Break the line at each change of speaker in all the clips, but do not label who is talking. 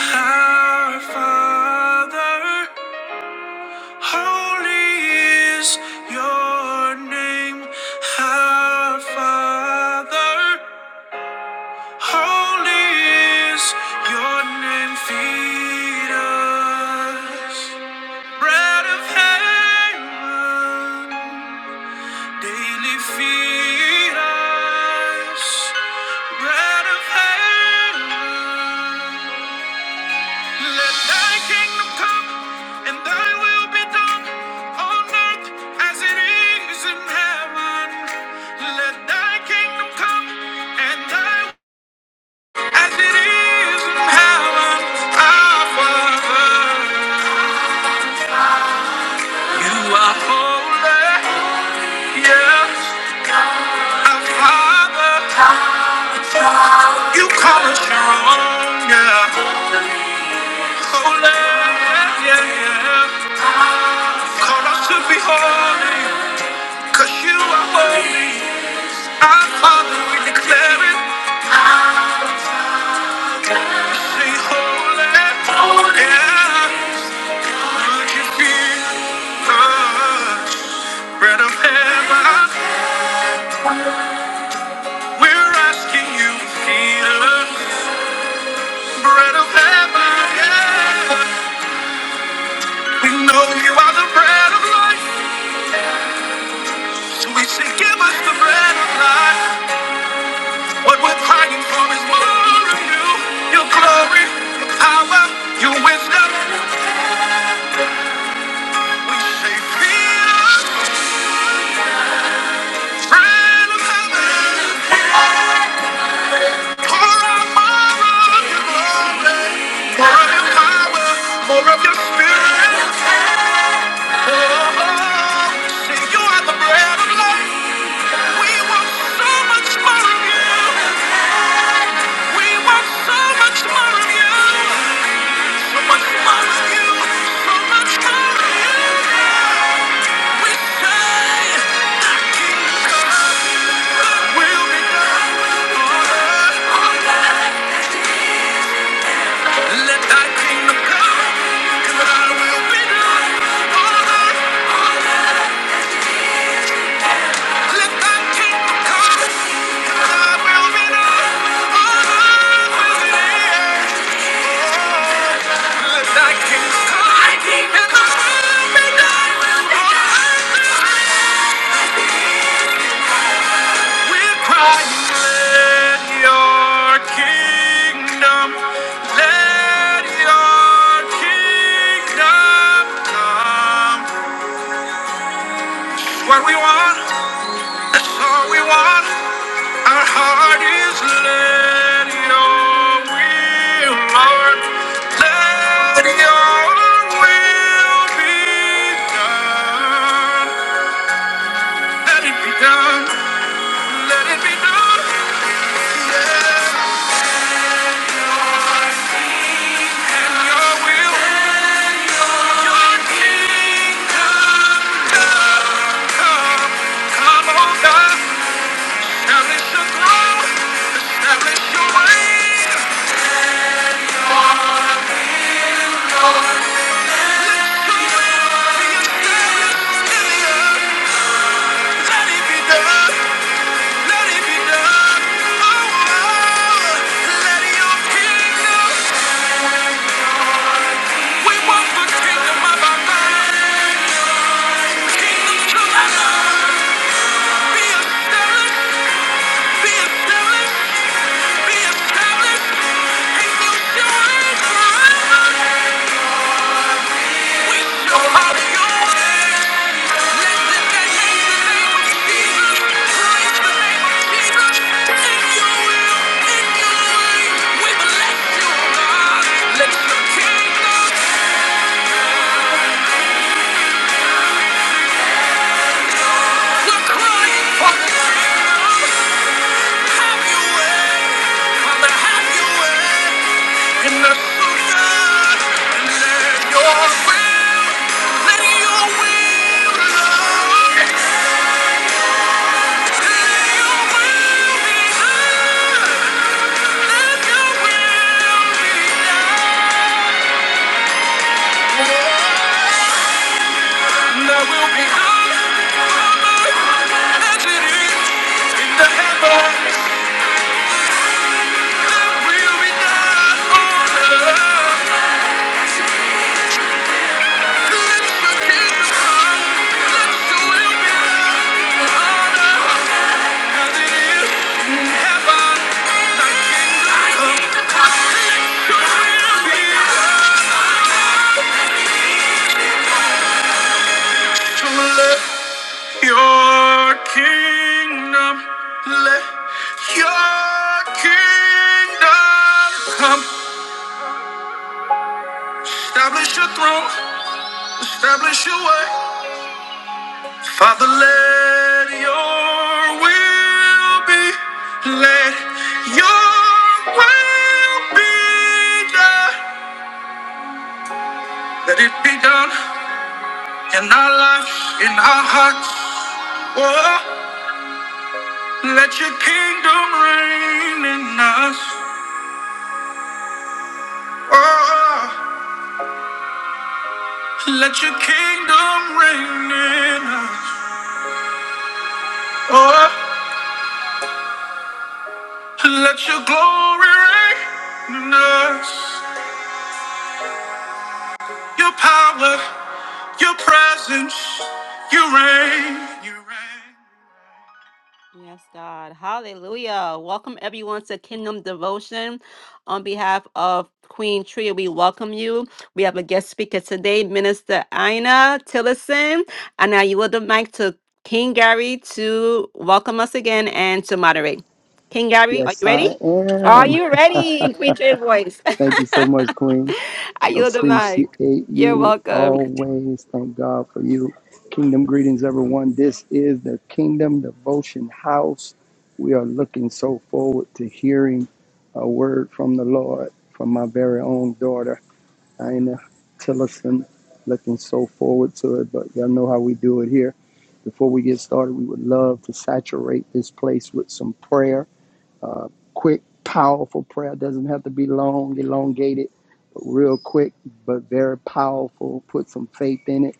Our Father, holy is your name. Our Father, holy is your name. Feed us bread of heaven. Daily feed us bread of heaven. Let thy kingdom come and thy will be done on earth as it is in heaven. Let thy kingdom come and thy as it is in heaven. Our Father, you are holy. Yes, our Father. You call us your own, yeah. Holy, yeah, yeah, yeah. Call us to be holy, cause you are holy. Our Father, we declare it. Say holy, yeah. Would you be the bread of heaven? We're asking you, Peter, bread of heaven, yeah. We know you are the bread of life, so we say, give us the bread of life. What we're crying for is more of you, your glory, your power, your wisdom. We say, feel, the friend of heaven, pour out more of your glory, more of your power, more of your spirit. Oh, see you are the bread of life. We want so much more of you. We want so much more of you. So much more of you. So much more of you. Thy kingdom come. We're crying, let your kingdom, let your kingdom come. What we want, all we want, our heart is let your will, Lord, let your will be done. Let it be done, let it be done. Be established, be established, and you shall reign forever. Your body, your way. Yeah. Now will be high as in the We'll be Like the will let your kingdom, let your kingdom come. Establish your throne, establish your way. Father, let your will be, let your will be done. Let it be done in our lives, in our hearts. Oh, let your kingdom reign in us. Oh, let your kingdom reign in us. Oh, let your glory reign in us. Your power, your presence, your reign, your reign. Yes, God. Hallelujah. Welcome everyone to Kingdom Devotion. On behalf of Queen Tria, we welcome you. We have a guest speaker today, Minister Ina Tillison. And now you will the mic to King Gary to welcome us again and to moderate. King Gary, are
Yes,
you ready?
I
Are
am.
you ready in Queen Tria's voice?
Thank you so much, Queen.
I yield the mic.
Appreciate
You're
you
welcome.
always. Thank God for you. Kingdom greetings, everyone. This is the Kingdom Devotion House. We are looking so forward to hearing a word from the Lord from my very own daughter, Ina Tillerson. Looking so forward to it, but y'all know how we do it here. Before we get started, we would love to saturate this place with some prayer uh, quick, powerful prayer. Doesn't have to be long, elongated, but real quick, but very powerful. Put some faith in it,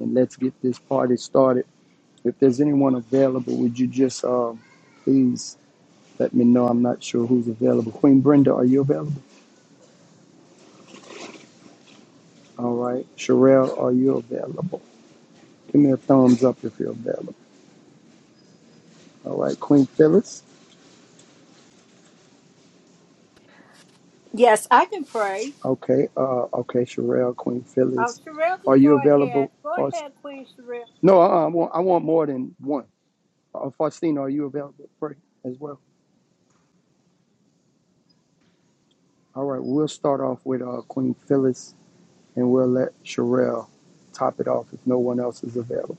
and let's get this party started. If there's anyone available, would you just um, please let me know? I'm not sure who's available. Queen Brenda, are you available? All right. Sherelle, are you available? Give me a thumbs up if you're available. All right. Queen Phyllis.
Yes, I can pray.
Okay. Uh, okay. Sherelle, Queen
Um,
Phyllis,
Sherelle can
are you
go ahead.
available
Go
for?
ahead, Queen Sherelle.
No, uh, I want I want more than one. Uh, Faustine, are you available to pray as well? All right, we'll start off with uh, Queen Phyllis and we'll let Sherelle top it off if no one else is available.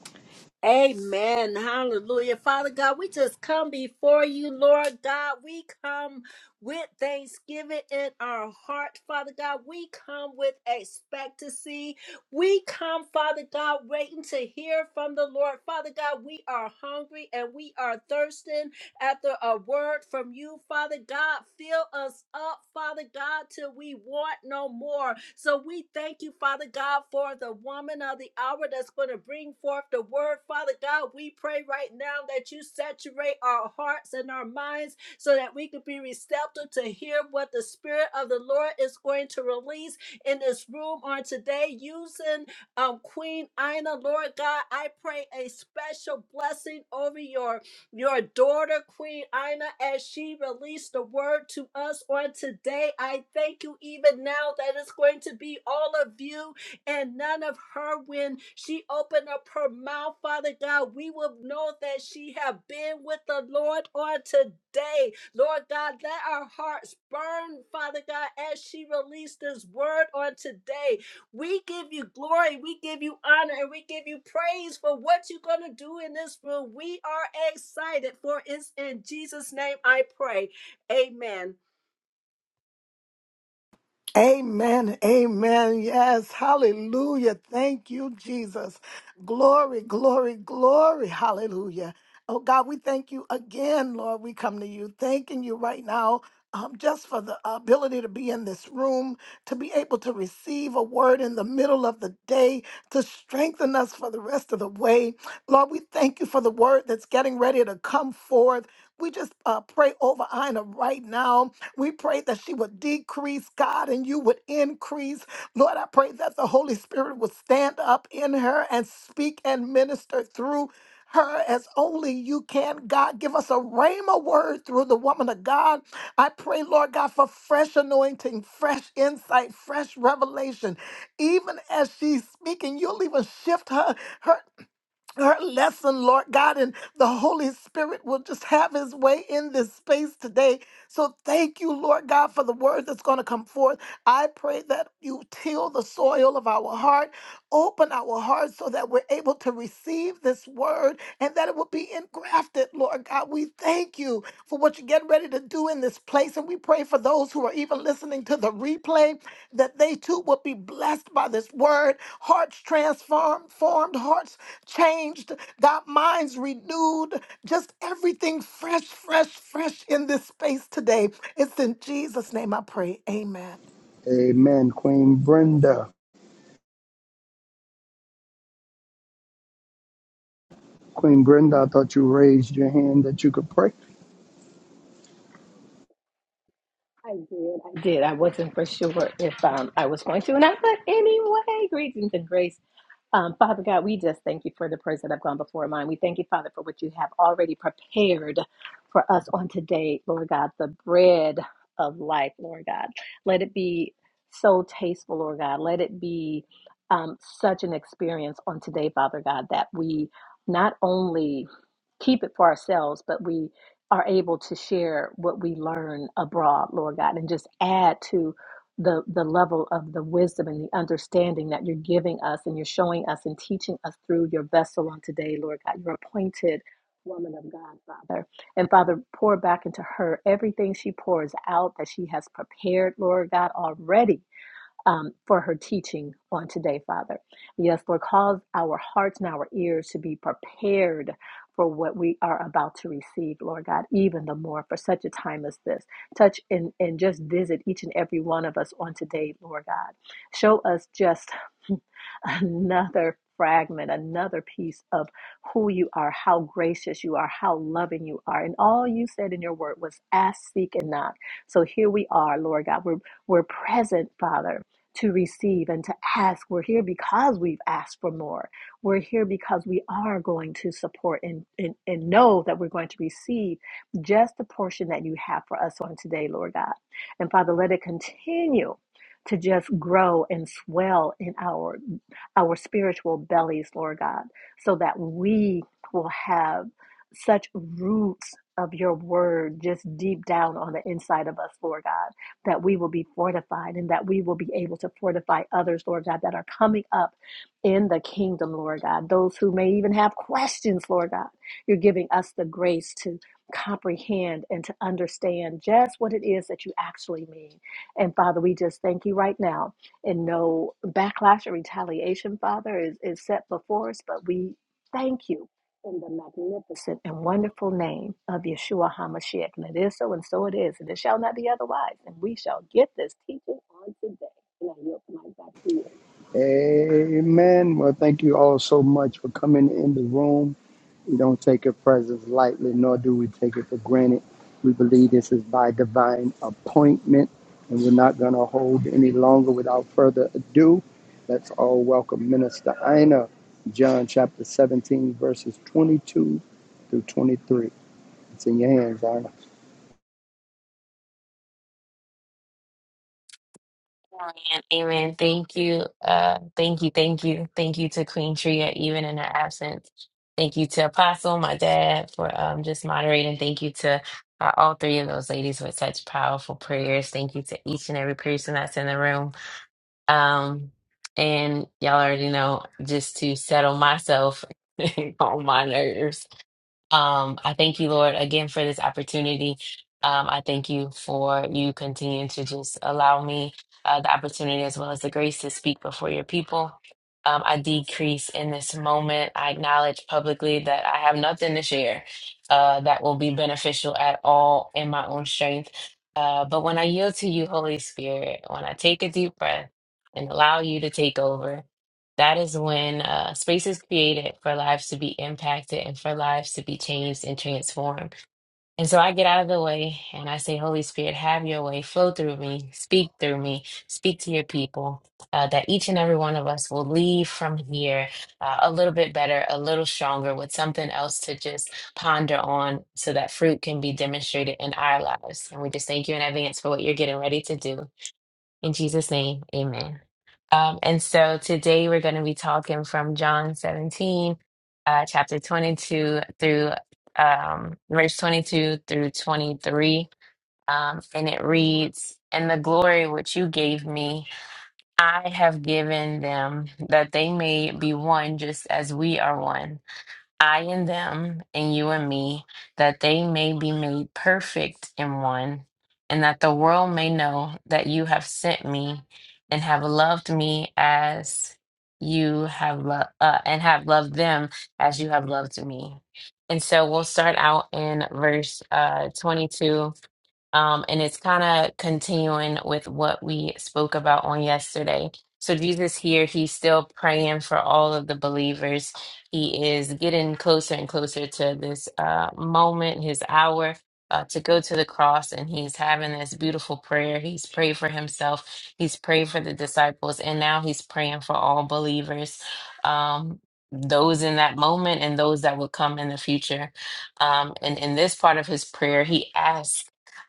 Amen. Hallelujah. Father God, we just come before you, Lord God. We come with thanksgiving in our heart, Father God. We come with expectancy. We come, Father God, waiting to hear from the Lord. Father God, we are hungry and we are thirsty. after a word from you, Father God. Fill us up, Father God, till we want no more. So we thank you, Father God, for the woman of the hour that's going to bring forth the word, Father God. We pray right now that you saturate our hearts and our minds so that we could be receptive to hear what the Spirit of the Lord is going to release in this room on today using um, Queen Ina. Lord God, I pray a special blessing over your your daughter, Queen Ina, as she released the word to us on today, I thank you even now that it's going to be all of you and none of her when she opened up her mouth, Father God. We will know that she have been with the Lord on today. Lord God, let our hearts burn, Father God, as she released this word on today. We give you glory, we give you honor, and we give you praise for what you're going to do in this room. We are excited, for it's in Jesus' name I pray. Amen.
Amen. Amen. Yes. Hallelujah. Thank you, Jesus. Glory, glory, glory. Hallelujah. Oh, God, we thank you again, Lord. We come to you thanking you right now. Um, just for the ability to be in this room, to be able to receive a word in the middle of the day, to strengthen us for the rest of the way. Lord, we thank you for the word that's getting ready to come forth. We just uh, pray over Ina right now we pray that she would decrease, God, and you would increase. Lord, I pray that the Holy Spirit would stand up in her and speak and minister through her as only you can, God. Give us a rhema word through the woman of God. I pray, Lord God, for fresh anointing, fresh insight, fresh revelation. Even as she's speaking, you'll even shift her, her her lesson, Lord God, and the Holy Spirit will just have his way in this space today. So thank you, Lord God, for the word that's going to come forth. I pray that you till the soil of our heart, open our hearts so that we're able to receive this word and that it will be engrafted, Lord God. We thank you for what you get ready to do in this place. And we pray for those who are even listening to the replay that they too will be blessed by this word, hearts transformed, formed, hearts changed, got minds renewed, just everything fresh, fresh, fresh in this space today. It's in Jesus' name I pray. Amen.
Amen. Queen Brenda. Queen Brenda, I thought you raised your hand that you could pray.
I did. I did. I wasn't for sure if um, I was going to and I thought anyway, greetings and grace um, Father God, we just thank you for the prayers that have gone before mine. We thank you, Father, for what you have already prepared for us on today, Lord God, the bread of life, Lord God. Let it be so tasteful, Lord God. Let it be um, such an experience on today, Father God, that we not only keep it for ourselves, but we are able to share what we learn abroad, Lord God, and just add to the the level of the wisdom and the understanding that you're giving us and you're showing us and teaching us through your vessel on today, Lord God, your appointed woman of God, Father. And Father, pour back into her everything she pours out that she has prepared, Lord God, already um, for her teaching on today, Father. Yes, Lord, cause our hearts and our ears to be prepared for what we are about to receive, Lord God, even the more for such a time as this. Touch and, and just visit each and every one of us on today, Lord God. Show us just another fragment, another piece of who you are, how gracious you are, how loving you are. And all you said in your word was ask, seek, and knock. So here we are, Lord God. We're, we're present, Father to receive and to ask. We're here because we've asked for more. We're here because we are going to support and, and, and know that we're going to receive just the portion that you have for us on today, Lord God. And Father, let it continue to just grow and swell in our our spiritual bellies, Lord God, so that we will have such roots of your word just deep down on the inside of us, Lord God that we will be fortified and that we will be able to fortify others, Lord God, that are coming up in the kingdom, Lord God. Those who may even have questions, Lord God, you're giving us the grace to comprehend and to understand just what it is that you actually mean. And Father, we just thank you right now. And no backlash or retaliation, Father, is, is set before us, but we thank you in the magnificent and wonderful name of Yeshua HaMashiach. And it is so, and so it is, and it shall not be otherwise. And we shall get this teaching on today. And I yield my back to you.
Amen. Well, thank you all so much for coming in the room. We don't take your presence lightly, nor do we take it for granted. We believe this is by divine appointment, and we're not going to hold any longer without further ado. Let's all welcome Minister Ina, John chapter 17, verses 22 through 23. It's in your hands, Ina.
Amen. Amen. Thank you. Uh, thank you. Thank you. Thank you to Queen Tria, even in her absence. Thank you to Apostle, my dad, for um, just moderating. Thank you to uh, all three of those ladies for such powerful prayers. Thank you to each and every person that's in the room. Um, and y'all already know just to settle myself on my nerves um, I thank you, Lord, again for this opportunity. Um, I thank you for you continuing to just allow me uh, the opportunity as well as the grace to speak before your people. Um, I decrease in this moment. I acknowledge publicly that I have nothing to share uh, that will be beneficial at all in my own strength. Uh, but when I yield to you, Holy Spirit, when I take a deep breath and allow you to take over, that is when uh, space is created for lives to be impacted and for lives to be changed and transformed. And so I get out of the way and I say, Holy Spirit, have your way, flow through me, speak through me, speak to your people, uh, that each and every one of us will leave from here uh, a little bit better, a little stronger, with something else to just ponder on so that fruit can be demonstrated in our lives. And we just thank you in advance for what you're getting ready to do. In Jesus' name, amen. Um, and so today we're going to be talking from John 17, uh, chapter 22 through um, verse 22 through 23. Um, and it reads, And the glory which you gave me, I have given them, that they may be one just as we are one I and them, and you and me, that they may be made perfect in one, and that the world may know that you have sent me and have loved me as you have loved uh, and have loved them as you have loved me. And so we'll start out in verse uh, 22 um, and it's kind of continuing with what we spoke about on yesterday. So, Jesus here, he's still praying for all of the believers. He is getting closer and closer to this uh, moment, his hour uh, to go to the cross. And he's having this beautiful prayer. He's prayed for himself, he's prayed for the disciples, and now he's praying for all believers, um, those in that moment and those that will come in the future. Um, and in this part of his prayer, he asks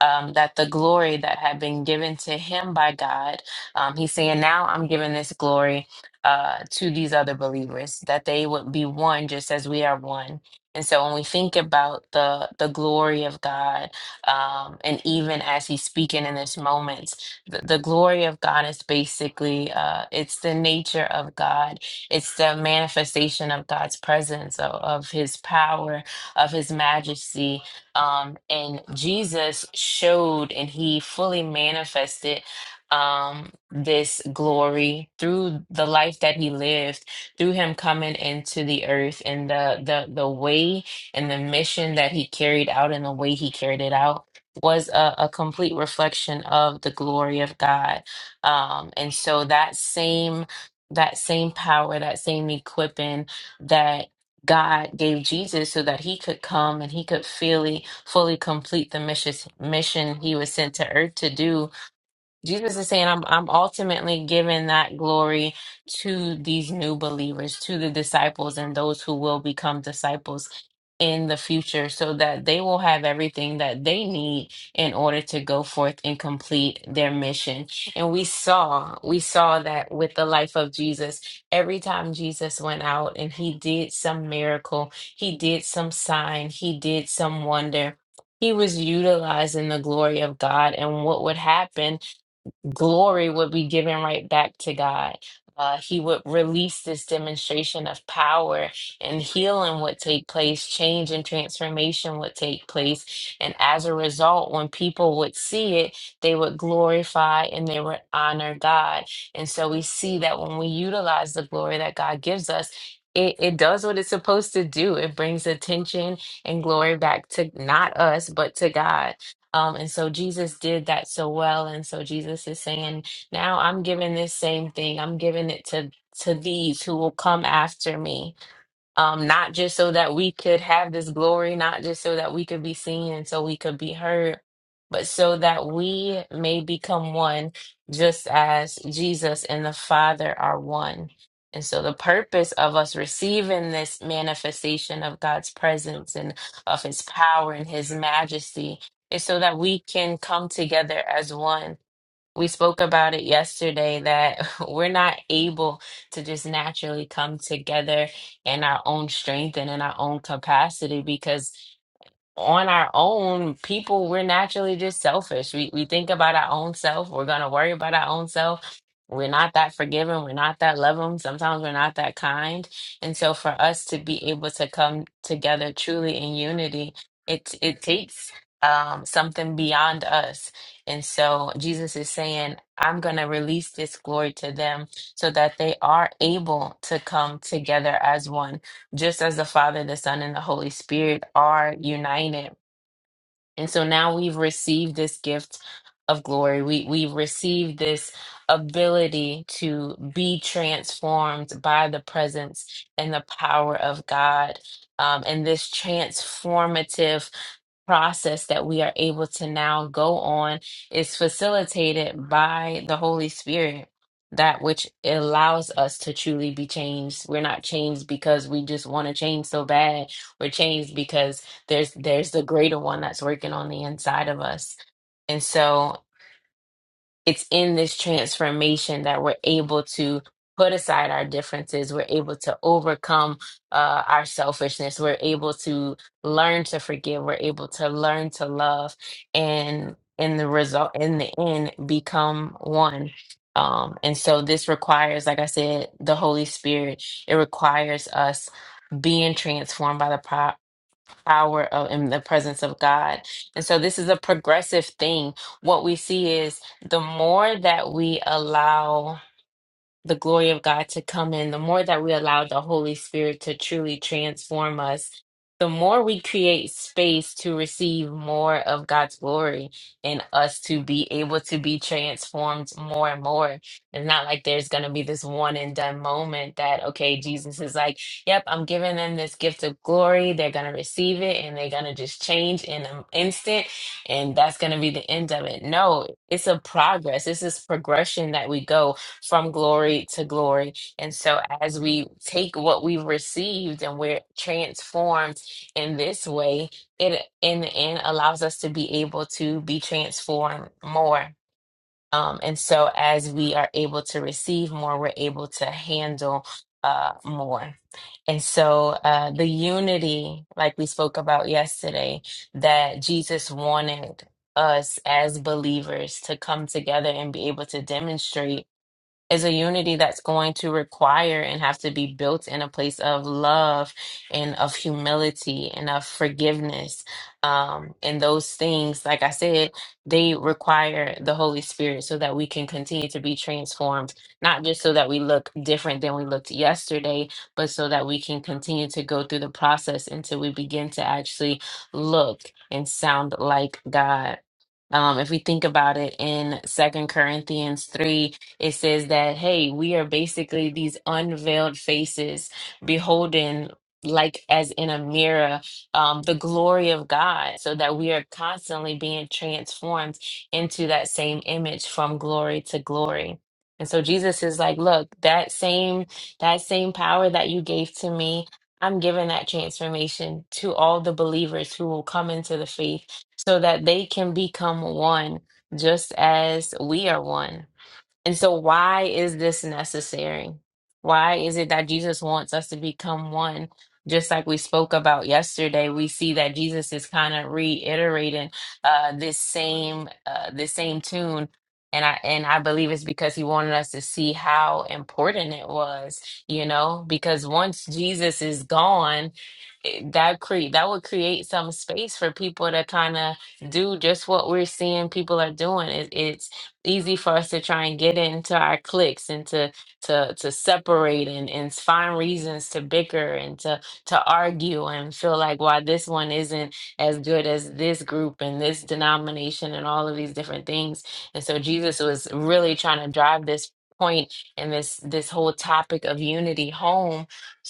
um, that the glory that had been given to him by God, um, he's saying, now I'm giving this glory uh, to these other believers, that they would be one just as we are one. And so when we think about the the glory of God, um, and even as he's speaking in this moment, the, the glory of God is basically uh, it's the nature of God, it's the manifestation of God's presence, of, of His power, of His majesty, um, and Jesus showed and he fully manifested um, this glory through the life that he lived, through him coming into the earth and the, the, the way and the mission that he carried out and the way he carried it out was a, a complete reflection of the glory of God. Um, and so that same that same power, that same equipping, that. God gave Jesus so that he could come and he could fully, fully complete the mission, mission he was sent to earth to do Jesus is saying, I'm, I'm ultimately giving that glory to these new believers, to the disciples, and those who will become disciples in the future, so that they will have everything that they need in order to go forth and complete their mission. And we saw, we saw that with the life of Jesus. Every time Jesus went out and he did some miracle, he did some sign, he did some wonder. He was utilizing the glory of God and what would happen glory would be given right back to God. Uh, he would release this demonstration of power and healing would take place, change and transformation would take place. And as a result, when people would see it, they would glorify and they would honor God. And so we see that when we utilize the glory that God gives us, it, it does what it's supposed to do. It brings attention and glory back to not us, but to God. Um, and so Jesus did that so well. And so Jesus is saying, now I'm giving this same thing. I'm giving it to to these who will come after me um, not just so that we could have this glory, not just so that we could be seen and so we could be heard, but so that we may become one, just as Jesus and the Father are one. And so, the purpose of us receiving this manifestation of God's presence and of His power and His majesty is so that we can come together as one we spoke about it yesterday that we're not able to just naturally come together in our own strength and in our own capacity because on our own, people, we're naturally just selfish. We we think about our own self. We're gonna worry about our own self. We're not that forgiving. We're not that loving. Sometimes we're not that kind. And so for us to be able to come together truly in unity, it it takes um something beyond us. And so Jesus is saying, I'm gonna release this glory to them so that they are able to come together as one just as the Father, the Son, and the Holy Spirit are united and so now we've received this gift of glory. We we've received this ability to be transformed by the presence and the power of God. Um, and this transformative process that we are able to now go on is facilitated by the Holy Spirit, that which allows us to truly be changed. We're not changed because we just want to change so bad. We're changed because there's there's the greater one that's working on the inside of us and so it's in this transformation that we're able to put aside our differences we're able to overcome uh, our selfishness we're able to learn to forgive we're able to learn to love and in the result in the end become one um, and so this requires like i said the holy spirit it requires us being transformed by the power power of in the presence of God. And so this is a progressive thing. What we see is the more that we allow the glory of God to come in, the more that we allow the Holy Spirit to truly transform us, the more we create space to receive more of God's glory and us to be able to be transformed more and more. It's not like there's going to be this one and done moment that, okay, Jesus is like, yep, I'm giving them this gift of glory. They're going to receive it and they're going to just change in an instant. And that's going to be the end of it. No, it's a progress. It's this is progression that we go from glory to glory. And so, as we take what we've received and we're transformed in this way, it in the end allows us to be able to be transformed more. Um, and so, as we are able to receive more, we're able to handle uh, more. And so, uh, the unity, like we spoke about yesterday, that Jesus wanted us as believers to come together and be able to demonstrate is a unity that's going to require and have to be built in a place of love and of humility and of forgiveness. Um, and those things, like I said, they require the Holy Spirit so that we can continue to be transformed, not just so that we look different than we looked yesterday, but so that we can continue to go through the process until we begin to actually look and sound like God. Um, if we think about it in Second Corinthians 3, it says that, hey, we are basically these unveiled faces beholding. Like as in a mirror, um, the glory of God, so that we are constantly being transformed into that same image from glory to glory. And so Jesus is like, look, that same that same power that you gave to me, I'm giving that transformation to all the believers who will come into the faith so that they can become one just as we are one. And so, why is this necessary? Why is it that Jesus wants us to become one? Just like we spoke about yesterday, we see that Jesus is kind of reiterating uh, this same uh, this same tune, and I and I believe it's because he wanted us to see how important it was, you know. Because once Jesus is gone, it- that create that would create some space for people to kind of do just what we're seeing people are doing. It, easy for us to try and get into our cliques and to to to separate and, and find reasons to bicker and to to argue and feel like why this one isn't as good as this group and this denomination and all of these different things. And so Jesus was really trying to drive this point and this this whole topic of unity home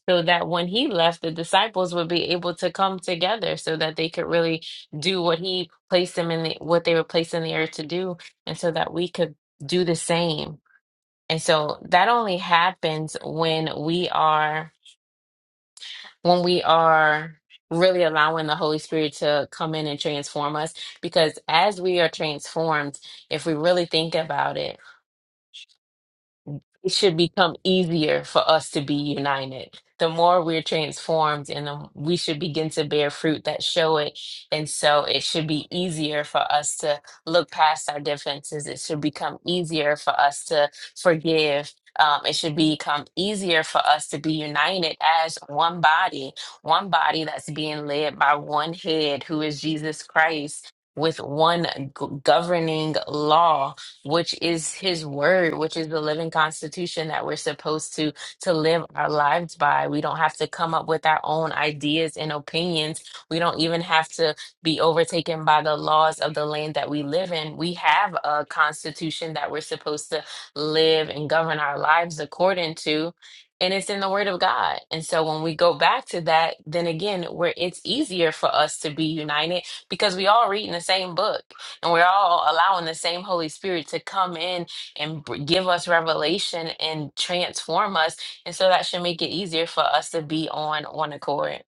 so that when he left the disciples would be able to come together so that they could really do what he placed them in the what they were placed in the earth to do and so that we could do the same. And so that only happens when we are when we are really allowing the Holy Spirit to come in and transform us because as we are transformed, if we really think about it, it should become easier for us to be united. The more we're transformed, and the, we should begin to bear fruit that show it. And so it should be easier for us to look past our differences. It should become easier for us to forgive. Um, it should become easier for us to be united as one body, one body that's being led by one head, who is Jesus Christ, with one g- governing law which is his word, which is the living constitution that we're supposed to to live our lives by. We don't have to come up with our own ideas and opinions. We don't even have to be overtaken by the laws of the land that we live in. We have a constitution that we're supposed to live and govern our lives according to. And it's in the word of God. And so when we go back to that, then again, where it's easier for us to be united because we all read in the same book. And we're all allowing the same Holy Spirit to come in and br- give us revelation and transform us. And so that should make it easier for us to be on one accord.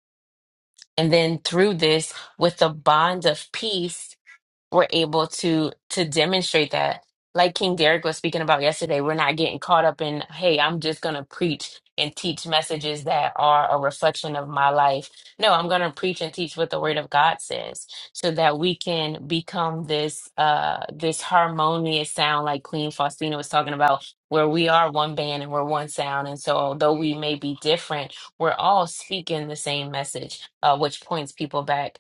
And then through this, with the bond of peace, we're able to to demonstrate that like king derek was speaking about yesterday we're not getting caught up in hey i'm just going to preach and teach messages that are a reflection of my life no i'm going to preach and teach what the word of god says so that we can become this uh this harmonious sound like queen faustina was talking about where we are one band and we're one sound and so although we may be different we're all speaking the same message uh, which points people back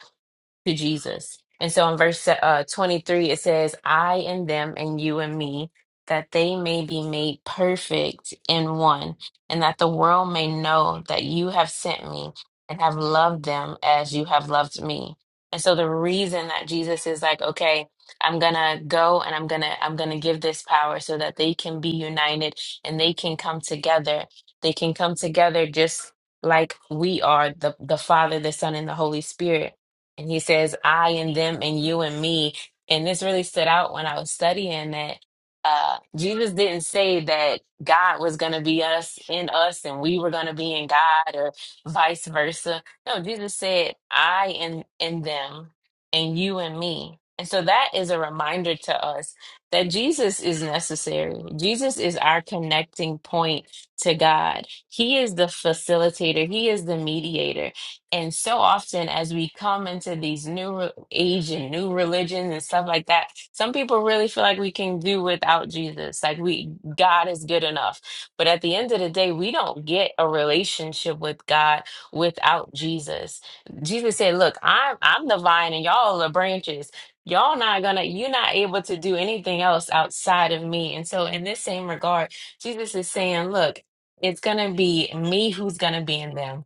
to Jesus. And so in verse uh, 23, it says, I and them and you and me, that they may be made perfect in one, and that the world may know that you have sent me and have loved them as you have loved me. And so the reason that Jesus is like, okay, I'm gonna go and I'm gonna I'm gonna give this power so that they can be united and they can come together. They can come together just like we are, the the Father, the Son, and the Holy Spirit and he says, I and them and you and me. And this really stood out when I was studying that uh, Jesus didn't say that God was going to be us in us and we were going to be in God or vice versa. No, Jesus said, I and, and them and you and me. And so that is a reminder to us that Jesus is necessary. Jesus is our connecting point to God. He is the facilitator, He is the mediator. And so often, as we come into these new re- age and new religions and stuff like that, some people really feel like we can do without Jesus. Like we, God is good enough. But at the end of the day, we don't get a relationship with God without Jesus. Jesus said, "Look, I'm I'm the vine, and y'all are the branches." Y'all not gonna, you're not able to do anything else outside of me. And so, in this same regard, Jesus is saying, Look, it's gonna be me who's gonna be in them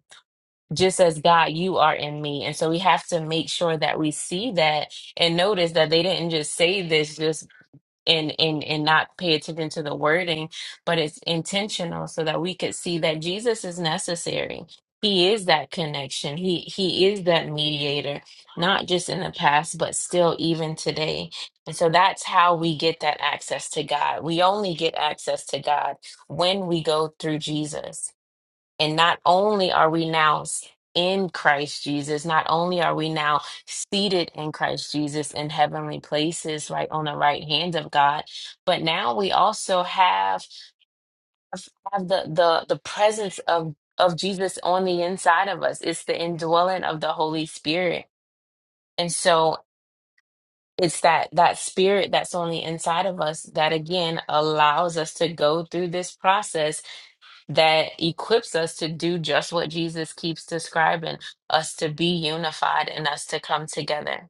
just as God, you are in me. And so we have to make sure that we see that and notice that they didn't just say this just and and and not pay attention to the wording, but it's intentional so that we could see that Jesus is necessary. He is that connection. He he is that mediator, not just in the past, but still even today. And so that's how we get that access to God. We only get access to God when we go through Jesus. And not only are we now s- in Christ Jesus, not only are we now seated in Christ Jesus in heavenly places, right on the right hand of God, but now we also have, have the, the the presence of of Jesus on the inside of us. It's the indwelling of the Holy Spirit. And so it's that that spirit that's on the inside of us that again allows us to go through this process that equips us to do just what Jesus keeps describing us to be unified and us to come together.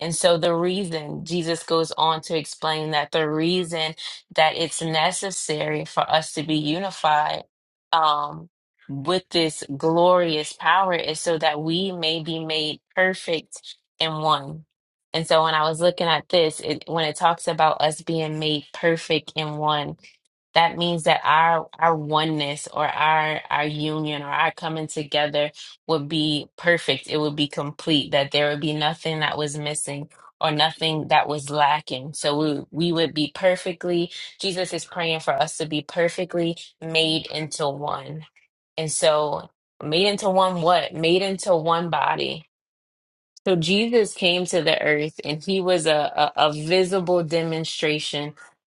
And so the reason Jesus goes on to explain that the reason that it's necessary for us to be unified um, with this glorious power is so that we may be made perfect in one. And so when I was looking at this, it, when it talks about us being made perfect in one, that means that our our oneness or our our union or our coming together would be perfect. It would be complete, that there would be nothing that was missing or nothing that was lacking. So we, we would be perfectly, Jesus is praying for us to be perfectly made into one. And so, made into one what? Made into one body so Jesus came to the earth and he was a, a, a visible demonstration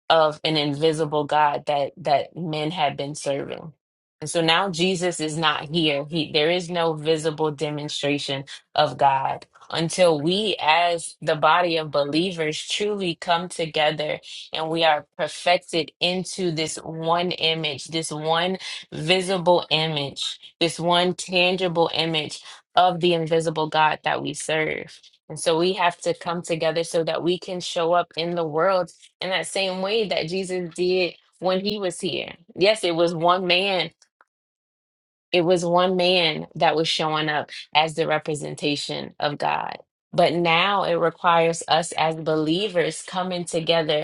of an invisible God that that men had been serving. And so now Jesus is not here. He there is no visible demonstration of God until we as the body of believers truly come together and we are perfected into this one image, this one visible image, this one tangible image of the invisible God that we serve. And so we have to come together so that we can show up in the world in that same way that Jesus did when he was here. Yes, it was one man. It was one man that was showing up as the representation of God. But now it requires us as believers coming together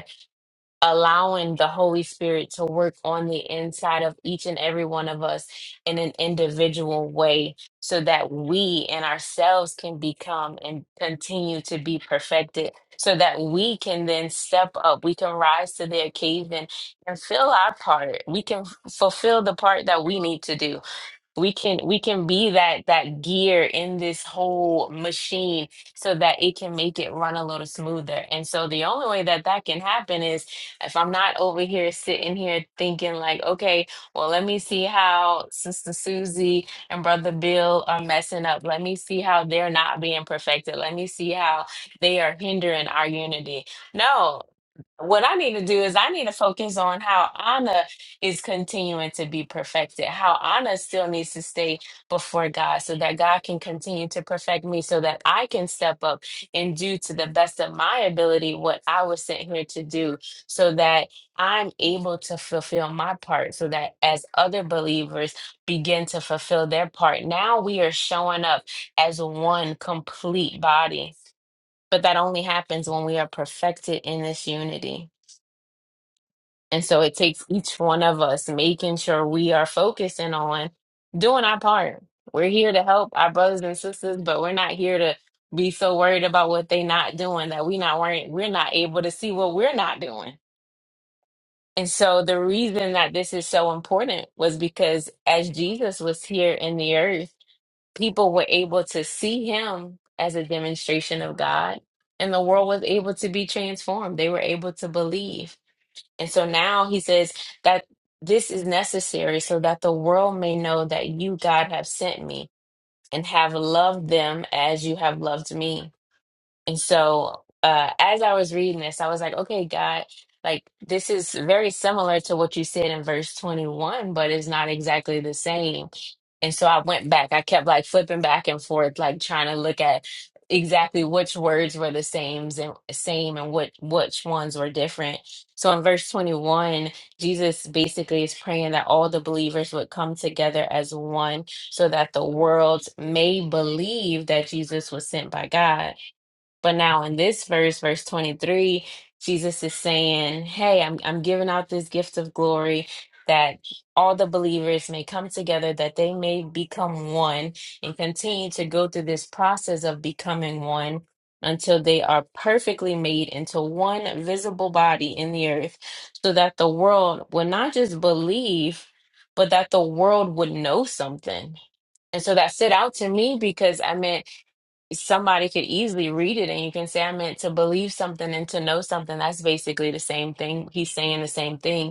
allowing the Holy Spirit to work on the inside of each and every one of us in an individual way so that we and ourselves can become and continue to be perfected so that we can then step up we can rise to the occasion and fill our part we can fulfill the part that we need to do we can we can be that that gear in this whole machine so that it can make it run a little smoother and so the only way that that can happen is if i'm not over here sitting here thinking like okay well let me see how sister susie and brother bill are messing up let me see how they're not being perfected let me see how they are hindering our unity no what I need to do is I need to focus on how Anna is continuing to be perfected, how Anna still needs to stay before God so that God can continue to perfect me so that I can step up and do to the best of my ability what I was sent here to do so that I'm able to fulfill my part so that as other believers begin to fulfill their part, now we are showing up as one complete body. But that only happens when we are perfected in this unity. And so it takes each one of us making sure we are focusing on doing our part. We're here to help our brothers and sisters, but we're not here to be so worried about what they not doing that we not worrying, we're not able to see what we're not doing. And so the reason that this is so important was because as Jesus was here in the earth, people were able to see him as a demonstration of God, and the world was able to be transformed. They were able to believe. And so now he says that this is necessary so that the world may know that you, God, have sent me and have loved them as you have loved me. And so, uh, as I was reading this, I was like, okay, God, like this is very similar to what you said in verse 21, but it's not exactly the same. And so I went back. I kept like flipping back and forth, like trying to look at exactly which words were the same and same and what which ones were different. So in verse 21, Jesus basically is praying that all the believers would come together as one so that the world may believe that Jesus was sent by God. But now in this verse, verse 23, Jesus is saying, Hey, I'm, I'm giving out this gift of glory that all the believers may come together, that they may become one and continue to go through this process of becoming one until they are perfectly made into one visible body in the earth, so that the world would not just believe, but that the world would know something. And so that stood out to me because I meant somebody could easily read it and you can say, I meant to believe something and to know something. That's basically the same thing. He's saying the same thing.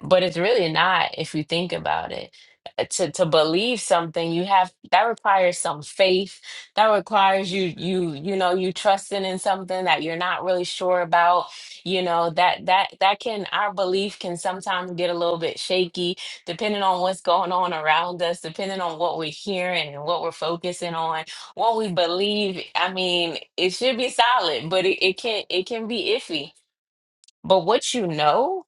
But it's really not if you think about it. Uh, To to believe something, you have that requires some faith. That requires you you you know you trusting in something that you're not really sure about. You know that that that can our belief can sometimes get a little bit shaky depending on what's going on around us, depending on what we're hearing and what we're focusing on, what we believe. I mean, it should be solid, but it, it can it can be iffy. But what you know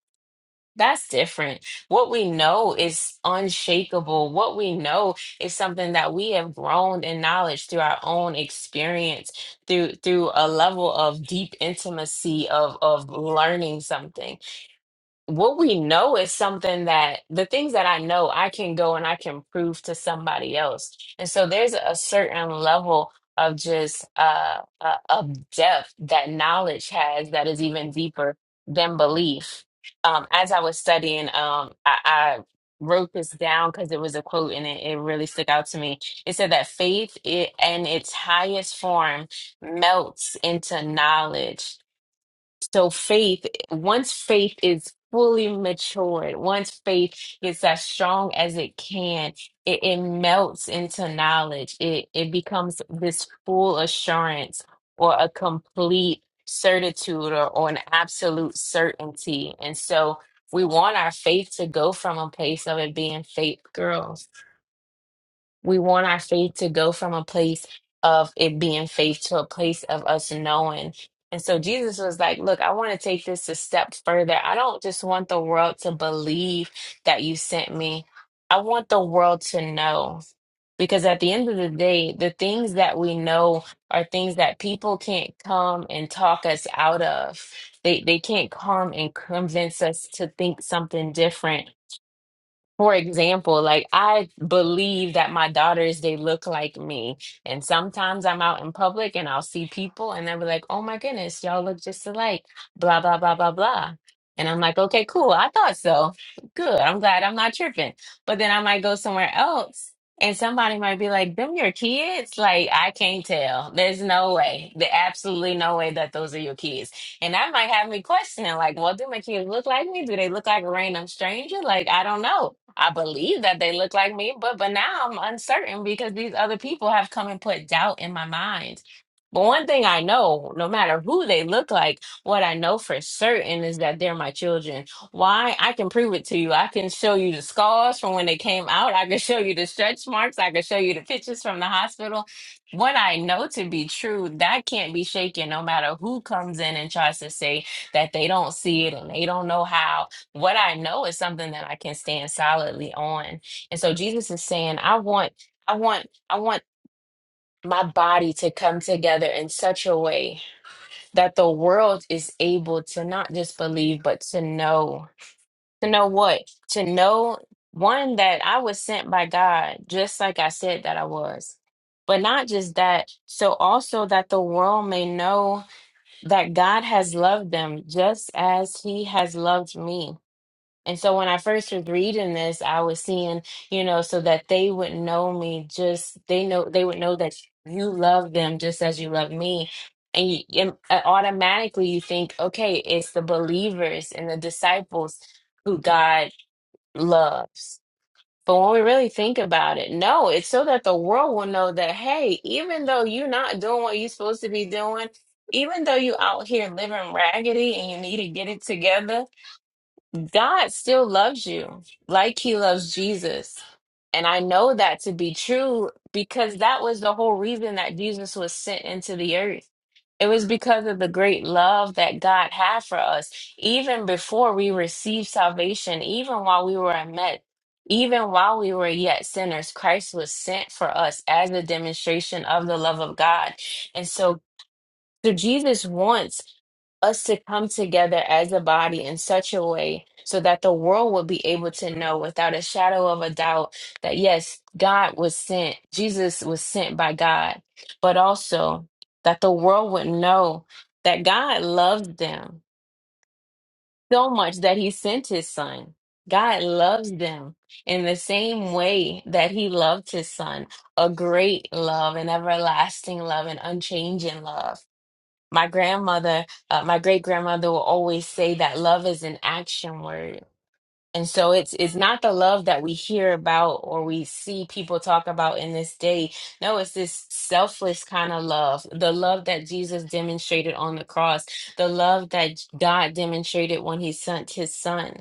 that's different. What we know is unshakable. What we know is something that we have grown in knowledge through our own experience, through through a level of deep intimacy of of learning something what we know is something that the things that I know I can go and I can prove to somebody else. And so there's a certain level of just uh, uh of depth that knowledge has that is even deeper than belief. Um as I was studying um I, I wrote this down because it was a quote and it, it really stuck out to me. It said that faith it, in its highest form melts into knowledge so faith, once faith is fully matured, once faith gets as strong as it can, it, it melts into knowledge. It it becomes this full assurance or a complete certitude or, or an absolute certainty. And so we want our faith to go from a place of it being faith girls we want our faith to go from a place of it being faith to a place of us knowing. And so Jesus was like, Look, I want to take this a step further. I don't just want the world to believe that you sent me, I want the world to know. Because at the end of the day, the things that we know are things that people can't come and talk us out of. They, they can't come and convince us to think something different for example, like I believe that my daughters, they look like me. And sometimes I'm out in public and I'll see people and they'll be like, oh my goodness, y'all look just alike, blah, blah, blah, blah, blah. And I'm like, okay, cool. I thought so. Good. I'm glad I'm not tripping. But then I might go somewhere else and somebody might be like, them your kids? Like, I can't tell. There's no way. There's absolutely no way that those are your kids. And that might have me questioning, like, well, do my kids look like me? Do they look like a random stranger? Like, I don't know. I believe that they look like me, but but now I'm uncertain because these other people have come and put doubt in my mind. But one thing I know, no matter who they look like, what I know for certain is that they're my children. Why? I can prove it to you. I can show you the scars from when they came out. I can show you the stretch marks. I can show you the pictures from the hospital. What I know to be true, that can't be shaken no matter who comes in and tries to say that they don't see it and they don't know how what I know is something that I can stand solidly on. And so Jesus is saying, I want, I want, I want my body to come together in such a way that the world is able to not just believe, but to know. To know what? To know one that I was sent by God, just like I said that I was. But not just that, so also that the world may know that God has loved them just as he has loved me and so when I first was reading this, I was seeing, you know, so that they would know me just they know they would know that you love them just as you love me. And you and uh, automatically you think, okay, it's the believers and the disciples who God loves. But when we really think about it, no, it's so that the world will know that, hey, even though you're not doing what you're supposed to be doing, even though you out here living raggedy and you need to get it together, God still loves you like he loves Jesus. And I know that to be true because that was the whole reason that Jesus was sent into the earth. It was because of the great love that God had for us, even before we received salvation, even while we were a met, even while we were yet sinners, Christ was sent for us as a demonstration of the love of God. And so, so Jesus wants us to come together as a body in such a way so that the world will be able to know without a shadow of a doubt that yes, God was sent, Jesus was sent by God, but also that the world would know that God loves them so much that he sent his son. God loves them in the same way that he loved his son, a great love, an everlasting love, an unchanging love. My grandmother, uh, my great grandmother will always say that love is an action word. And so it's it's not the love that we hear about or we see people talk about in this day. No, it's this selfless kind of love, the love that Jesus demonstrated on the cross, the love that God demonstrated when he sent his son.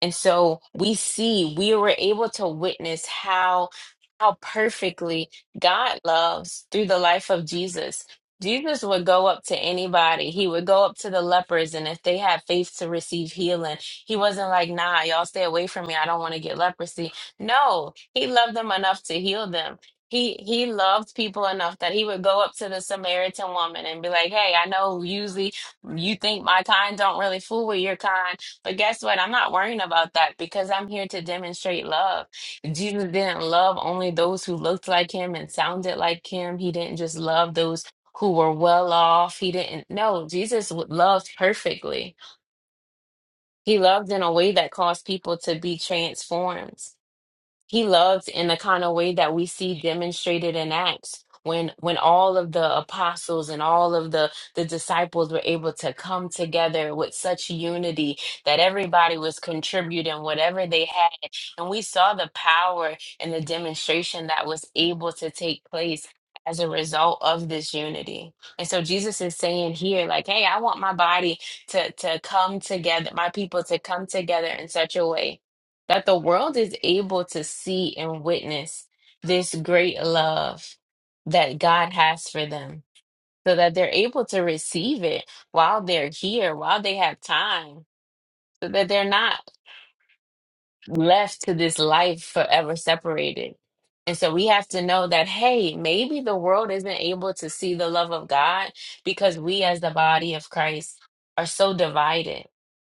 And so we see we were able to witness how how perfectly God loves through the life of Jesus. Jesus would go up to anybody. He would go up to the lepers, and if they had faith to receive healing, he wasn't like, nah, y'all stay away from me. I don't want to get leprosy. No, he loved them enough to heal them. He he loved people enough that he would go up to the Samaritan woman and be like, hey, I know usually you think my kind don't really fool with your kind but guess what? I'm not worrying about that because I'm here to demonstrate love. Jesus didn't love only those who looked like him and sounded like him. He didn't just love those who were well off. He didn't. No, Jesus w- loved perfectly. He loved in a way that caused people to be transformed he loved in the kind of way that we see demonstrated in acts when when all of the apostles and all of the the disciples were able to come together with such unity that everybody was contributing whatever they had and we saw the power and the demonstration that was able to take place as a result of this unity and so jesus is saying here like hey i want my body to to come together my people to come together in such a way that the world is able to see and witness this great love that God has for them so that they're able to receive it while they're here, while they have time, so that they're not left to this life forever separated. And so we have to know that, hey, maybe the world isn't able to see the love of God because we, as the body of Christ, are so divided.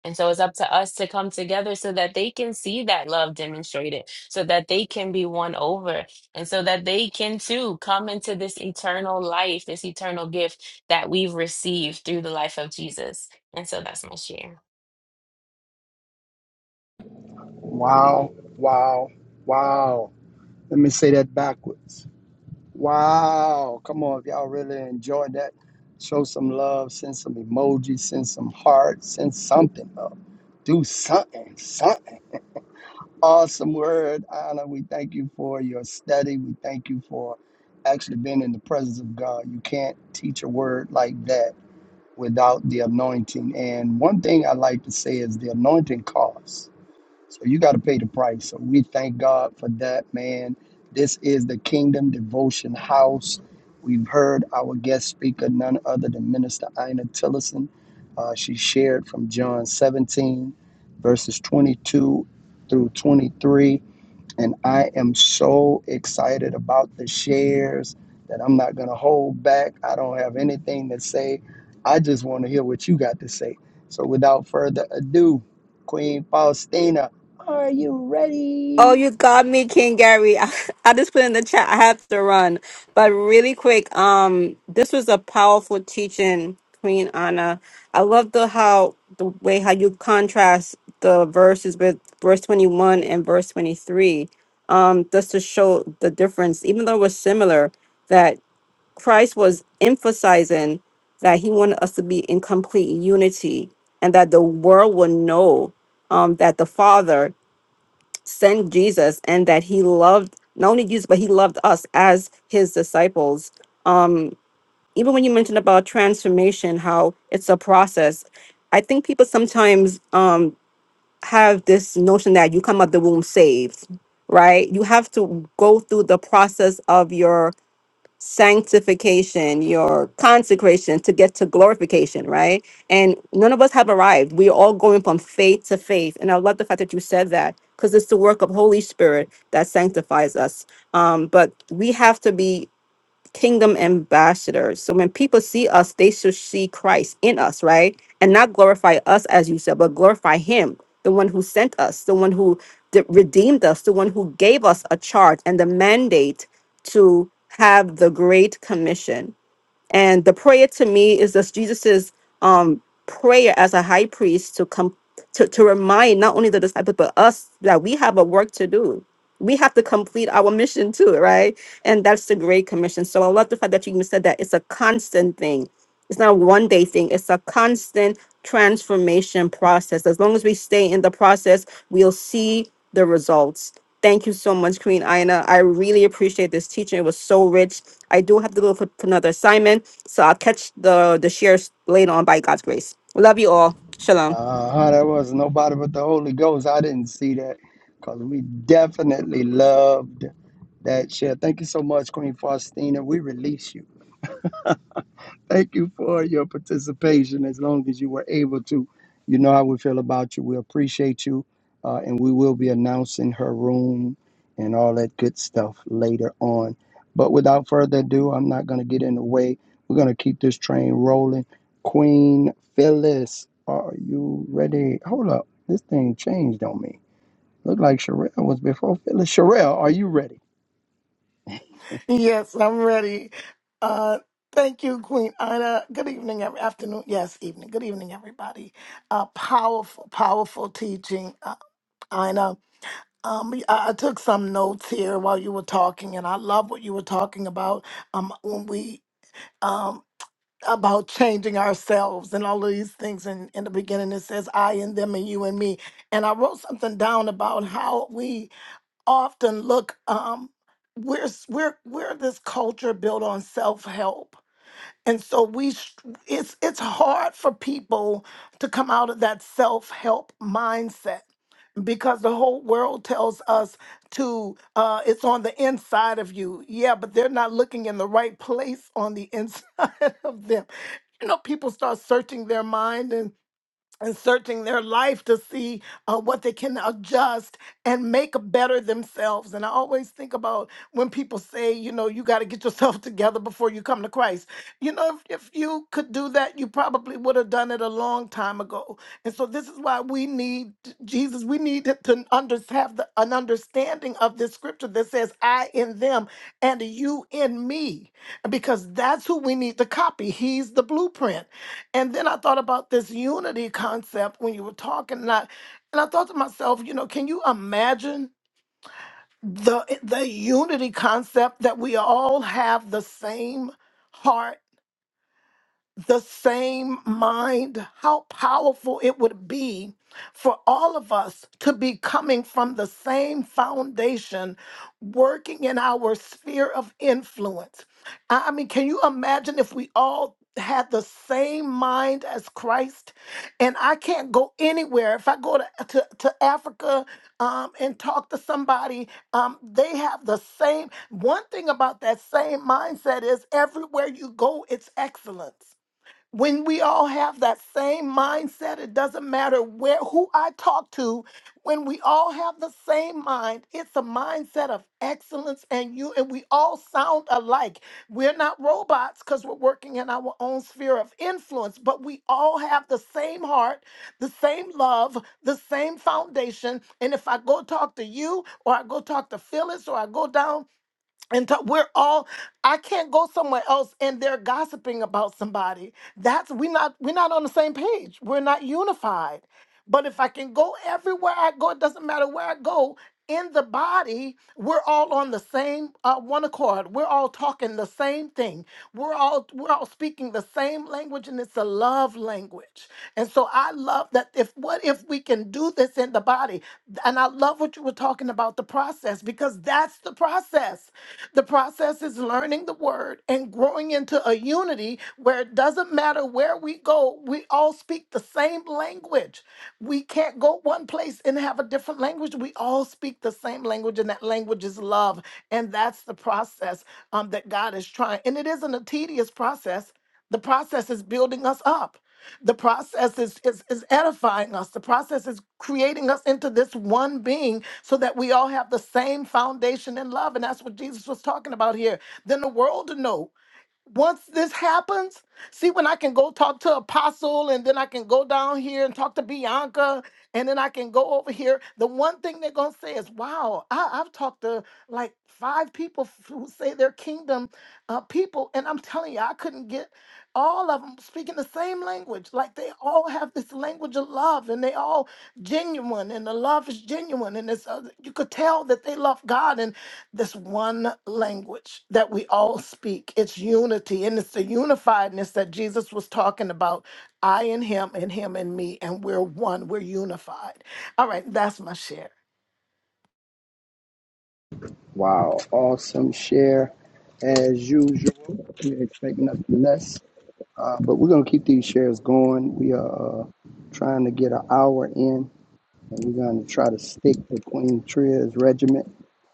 And so it's up to us to come together so that they can see that love demonstrated, so that they can be won over, and so that they can too come into this eternal life, this eternal gift that we've received through the life of Jesus. And so that's my share.
Wow, wow, wow. Let me say that backwards. Wow. Come on. If y'all really enjoyed that, show some love, send some emojis, send some hearts, send something up. Do something, something. Awesome word, Anna. We thank you for your study. We thank you for actually being in the presence of God. You can't teach a word like that without the anointing. And one thing I like to say is the anointing costs. So you got to pay the price. So we thank God for that, man. This is the Kingdom Devotion House. We've heard our guest speaker, none other than Minister Ina Tillison. Uh, she shared from John 17, verses 22 through 23. And I am so excited about the shares that I'm not going to hold back. I don't have anything to say. I just want to hear what you got to say. So without further ado, Queen Faustina, are you
Oh,
ready?
you got me, King Gary. I, just put in the chat. I have to run, but really quick. Um, this was a powerful teaching, Queen Anna. I love the how the way how you contrast the verses with verse twenty one and verse twenty three. Um, just to show the difference, even though it was similar, that Christ was emphasizing that He wanted us to be in complete unity, and that the world will know um, that the Father sent Jesus and that he loved not only Jesus, but he loved us as his disciples. Even when you mentioned about transformation, how it's a process, I think people sometimes um, have this notion that you come out the womb saved, right? You have to go through the process of your sanctification, your consecration to get to glorification, right? And none of us have arrived. We are all going from faith to faith. And I love the fact that you said that because it's the work of Holy Spirit that sanctifies us. Um, but we have to be kingdom ambassadors. So when people see us, they should see Christ in us, right? And not glorify us, as you said, but glorify Him, the one who sent us, the one who d- redeemed us, the one who gave us a charge and the mandate to have the Great Commission and the prayer to me is that Jesus's um, prayer as a high priest to come to, to remind not only the disciples but us that we have a work to do. We have to complete our mission too, right? And that's the Great Commission. So I love the fact that you even said that it's a constant thing it's not a one day thing it's a constant transformation process as long as we stay in the process we'll see the results thank you so much queen ina i really appreciate this teaching it was so rich i do have to go for for another assignment so i'll catch the the shares later on by god's grace love you all shalom
Uh huh. That was nobody but the Holy Ghost. I didn't see that because we definitely loved that share. Thank you so much, Queen Faustina. We release you. Thank you for your participation. As long as you were able to, you know how we feel about you. We appreciate you. Uh, and we will be announcing her room and all that good stuff later on. But without further ado, I'm not going to get in the way. We're going to keep this train rolling. Queen Phyllis, are you ready? Hold up. This thing changed on me. Looked like Sherelle was before Phyllis. Sherelle, are you ready?
Yes, I'm ready. Uh, thank you, Queen Ina. Good evening, every afternoon. Yes, evening. Good evening, everybody. Uh, powerful, powerful teaching, uh, Ina. Um, I, I took some notes here while you were talking, and I love what you were talking about. Um, when we um, about changing ourselves and all of these things. And in the beginning, it says, I and them and you and me. And I wrote something down about how we often look, um, we're, s- we're, we're this culture built on self help. And so we, s- it's, it's hard for people to come out of that self help mindset because the whole world tells us to uh it's on the inside of you yeah but they're not looking in the right place on the inside of them you know people start searching their mind and and searching their life to see uh, what they can adjust and make better themselves. And I always think about when people say, you know, you got to get yourself together before you come to Christ. You know, if, if you could do that, you probably would have done it a long time ago. And so this is why we need Jesus. We need to under, have the, an understanding of this scripture that says, I in them and you in me, because that's who we need to copy. He's the blueprint and then I thought about this unity concept when you were talking, and I, and I thought to myself, you know, can you imagine the the unity concept that we all have the same heart the same mind, how powerful it would be for all of us to be coming from the same foundation, working in our sphere of influence. I I mean, can you imagine if we all had the same mind as Christ? And I can't go anywhere. If I go to, to, to Africa um, and talk to somebody, um, they have the same. One thing about that same mindset is everywhere you go, it's excellence when we all have that same mindset it doesn't matter where who i talk to when we all have the same mind it's a mindset of excellence and you and we all sound alike we're not robots because we're working in our own sphere of influence but we all have the same heart the same love the same foundation and if i go talk to you or i go talk to phyllis or i go down and to- we're all i can't go somewhere else and they're gossiping about somebody that's we not we're not on the same page we're not unified but if i can go everywhere i go it doesn't matter where i go in the body we're all on the same uh, one accord we're all talking the same thing we're all we're all speaking the same language and it's a love language and so i love that if what if we can do this in the body and i love what you were talking about the process because that's the process the process is learning the word and growing into a unity where it doesn't matter where we go, we all speak the same language. We can't go one place and have a different language. We all speak the same language, and that language is love. And that's the process um, that God is trying. And it isn't a tedious process, the process is building us up. The process is, is, is edifying us. The process is creating us into this one being so that we all have the same foundation in love. And that's what Jesus was talking about here. Then the world to know once this happens, see when I can go talk to Apostle and then I can go down here and talk to Bianca and then I can go over here. The one thing they're gonna say is, wow, I, I've talked to like five people f- who say they're kingdom uh, people, and I'm telling you, I couldn't get all of them speaking the same language. Like they all have this language of love and they all genuine and the love is genuine and it's uh, you could tell that they love god and this one language that we all speak it's unity and it's the unifiedness that jesus was talking about i and him and him and me and we're one we're unified all right that's my share
Wow. Awesome share as usual. We're expecting nothing less. Uh, but we're going to keep these shares going. We are uh, trying to get an hour in, and we're going to try to stick to Queen Tria's regiment.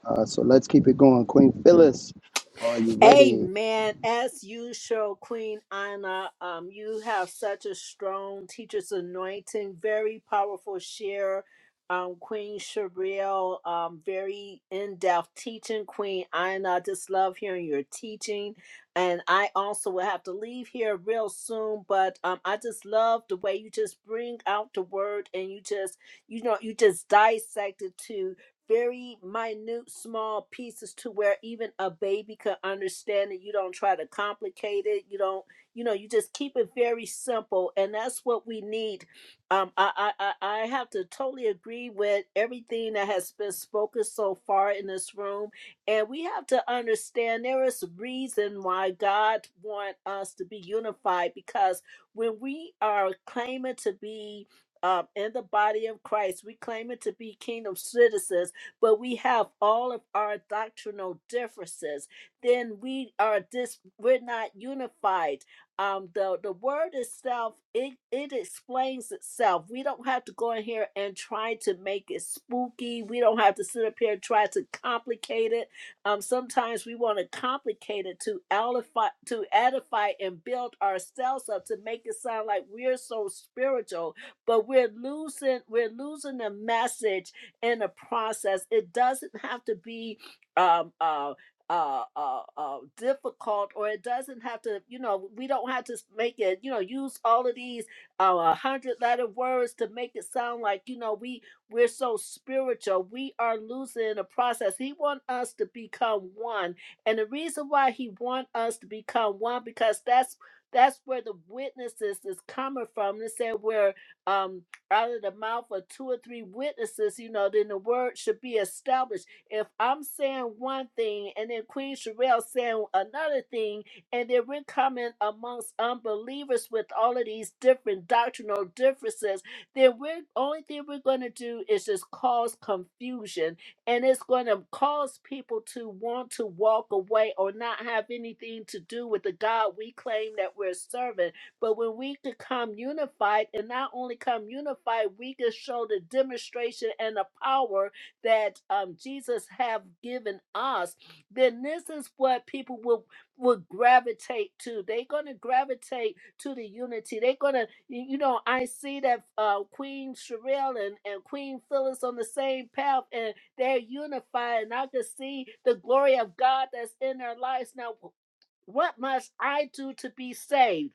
Uh, so let's keep it going. Queen Phyllis, are you ready?
Amen. As usual, Queen Anna, um, you have such a strong teacher's anointing, very powerful share. Um, Queen Sherelle, um, very in-depth teaching. Queen Anna, I just love hearing your teaching. And I also will have to leave here real soon, but um, I just love the way you just bring out the word and you just, you know, you just dissect it too very minute, small pieces to where even a baby could understand it. You don't try to complicate it. You don't, you know, you just keep it very simple. And that's what we need. Um, I, I, I I have to totally agree with everything that has been spoken so far in this room. And we have to understand there is a reason why God wants us to be unified because when we are claiming to be um, in the body of Christ, we claim it to be kingdom citizens but we have all of our doctrinal differences, then we are dis we're not unified. Um, the the word itself, it it explains itself. We don't have to go in here and try to make it spooky. We don't have to sit up here and try to complicate it. Um, sometimes we want to complicate it to edify, to edify and build ourselves up to make it sound like we're so spiritual, but we're losing we're losing the message in a process. It doesn't have to be um, uh, uh, uh, uh, difficult, or it doesn't have to, you know, we don't have to make it, you know, use all of these uh, 100 letter words to make it sound like, you know, we, we're so spiritual. We are losing the process. He wants us to become one. And the reason why he wants us to become one, because that's that's where the witnesses is coming from. They said where um, out of the mouth of two or three witnesses, you know, then the word should be established. If I'm saying one thing and then Queen Sherelle saying another thing, and then we're coming amongst unbelievers with all of these different doctrinal differences, then we're only thing we're going to do is just cause confusion, and it's going to cause people to want to walk away or not have anything to do with the God we claim that we're serving but when we could come unified, and not only come unified, we could show the demonstration and the power that um, Jesus have given us. Then this is what people will will gravitate to. They're gonna gravitate to the unity. They're gonna, you know, I see that uh, Queen Sherelle and, and Queen Phyllis on the same path, and they're unified, and I can see the glory of God that's in their lives. Now, what must I do to be saved?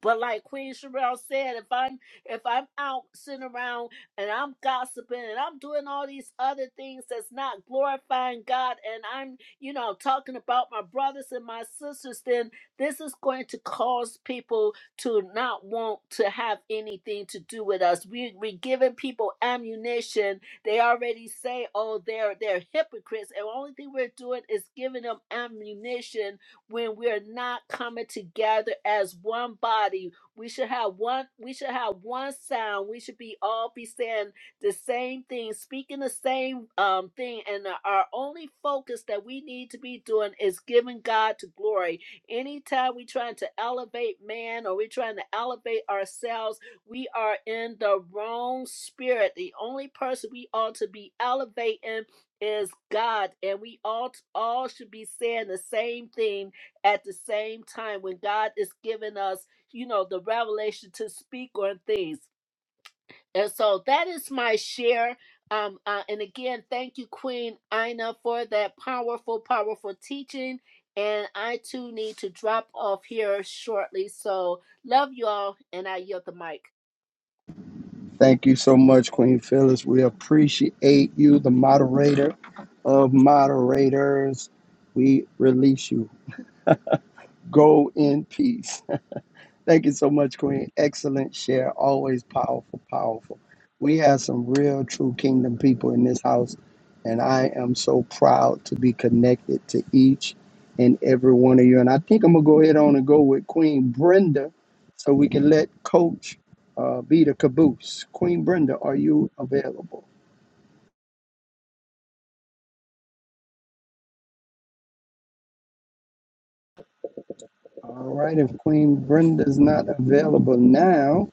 But like Queen Sherelle said, if I'm if I'm out sitting around and I'm gossiping and I'm doing all these other things that's not glorifying God and I'm, you know, talking about my brothers and my sisters, then this is going to cause people to not want to have anything to do with us. We we giving people ammunition. They already say, oh, they're they're hypocrites. And the only thing we're doing is giving them ammunition when we're not coming together as one body. We should have one we should have one sound. We should be all be saying the same thing, speaking the same um thing and our our only focus that we need to be doing is giving God to glory. Anytime we trying to elevate man or we are trying to elevate ourselves, we are in the wrong spirit. The only person we ought to be elevating is God, and we all all should be saying the same thing at the same time when God is giving us, you know, the revelation to speak on things. And so that is my share. Um, uh, and again, thank you, Queen Ina, for that powerful, powerful teaching. And I too need to drop off here shortly. So love you all, and I yield the mic.
Thank you so much, Queen Phyllis. We appreciate you, the moderator of moderators. We release you. Go in peace. Thank you so much, Queen. Excellent share. Always powerful, powerful. We have some real, true kingdom people in this house, and I am so proud to be connected to each and every one of you. And I think I'm going to go ahead on and go with Queen Brenda so we can let Coach uh, be the caboose. Queen Brenda, are you available? All right. If Queen Brenda's not available now,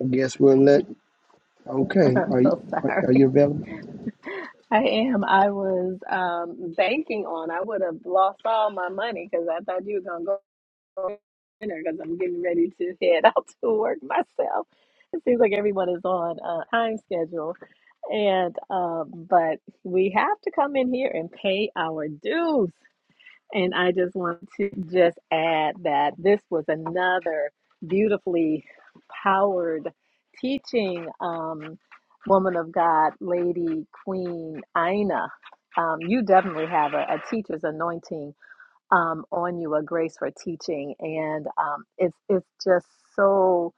I guess we'll let. Okay.
I'm
Are you,
so
are, are
sorry.
you available?
I am. I was um, banking on. I would have lost all my money because I thought you were gonna go dinner because I'm getting ready to head out to work myself. It seems like everyone is on a time schedule, and um, but we have to come in here and pay our dues. And I just want to just add that this was another beautifully powered teaching, um, woman of God, lady, queen, Ina. Um, you definitely have a, a teacher's anointing um, on you, a grace for teaching, and um, it's it's just so